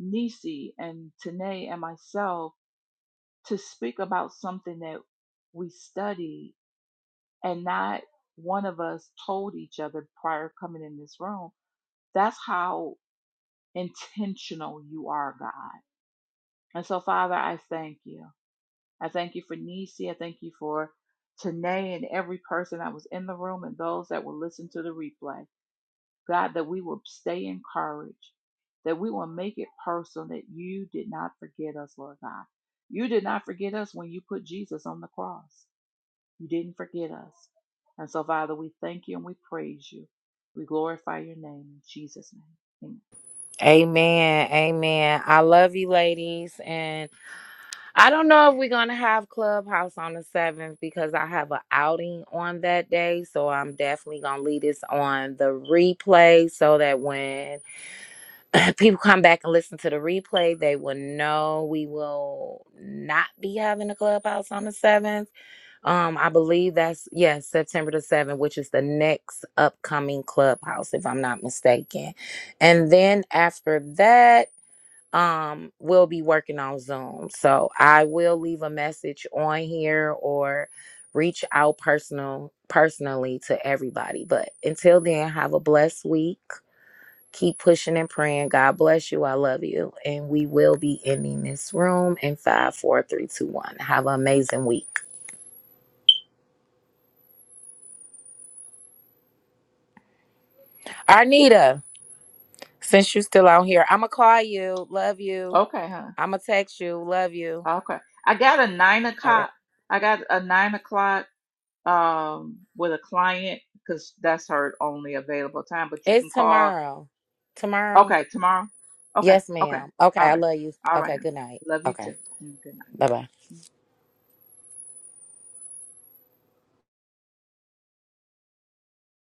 Speaker 3: Nisi and Tanae and myself to speak about something that we studied and not one of us told each other prior coming in this room. That's how intentional you are, God. And so, Father, I thank you. I thank you for Nisi. I thank you for Tanae and every person that was in the room and those that will listen to the replay. God, that we will stay encouraged, that we will make it personal that you did not forget us, Lord God. You did not forget us when you put Jesus on the cross. You didn't forget us. And so, Father, we thank you and we praise you. We glorify your name in Jesus' name.
Speaker 1: Amen. Amen. I love you, ladies. And I don't know if we're going to have Clubhouse on the 7th because I have an outing on that day. So I'm definitely going to leave this on the replay so that when people come back and listen to the replay, they will know we will not be having a Clubhouse on the 7th. Um, I believe that's yes, September the 7th, which is the next upcoming clubhouse, if I'm not mistaken. And then after that, um will be working on Zoom. So I will leave a message on here or reach out personal personally to everybody. But until then, have a blessed week. Keep pushing and praying. God bless you. I love you. And we will be ending this room in five, four, three, two, one. Have an amazing week. Arnita, since you're still out here, I'ma call you. Love you.
Speaker 3: Amen. Okay, huh?
Speaker 1: I'ma text you. Love you.
Speaker 3: Okay. I got a nine
Speaker 1: All right.
Speaker 3: o'clock. I got a nine o'clock um with a client because that's her only available time. But you can
Speaker 1: It's
Speaker 3: call.
Speaker 1: tomorrow. Tomorrow.
Speaker 3: Okay, tomorrow. Okay.
Speaker 1: Yes,
Speaker 3: Okay.
Speaker 1: ma'am. Okay,
Speaker 3: All
Speaker 1: I
Speaker 3: right.
Speaker 1: love you.
Speaker 3: All right.
Speaker 1: Okay,
Speaker 3: hon.
Speaker 1: good night.
Speaker 3: Love you
Speaker 1: Okay,
Speaker 3: too. Mm, Good night.
Speaker 1: bye bye.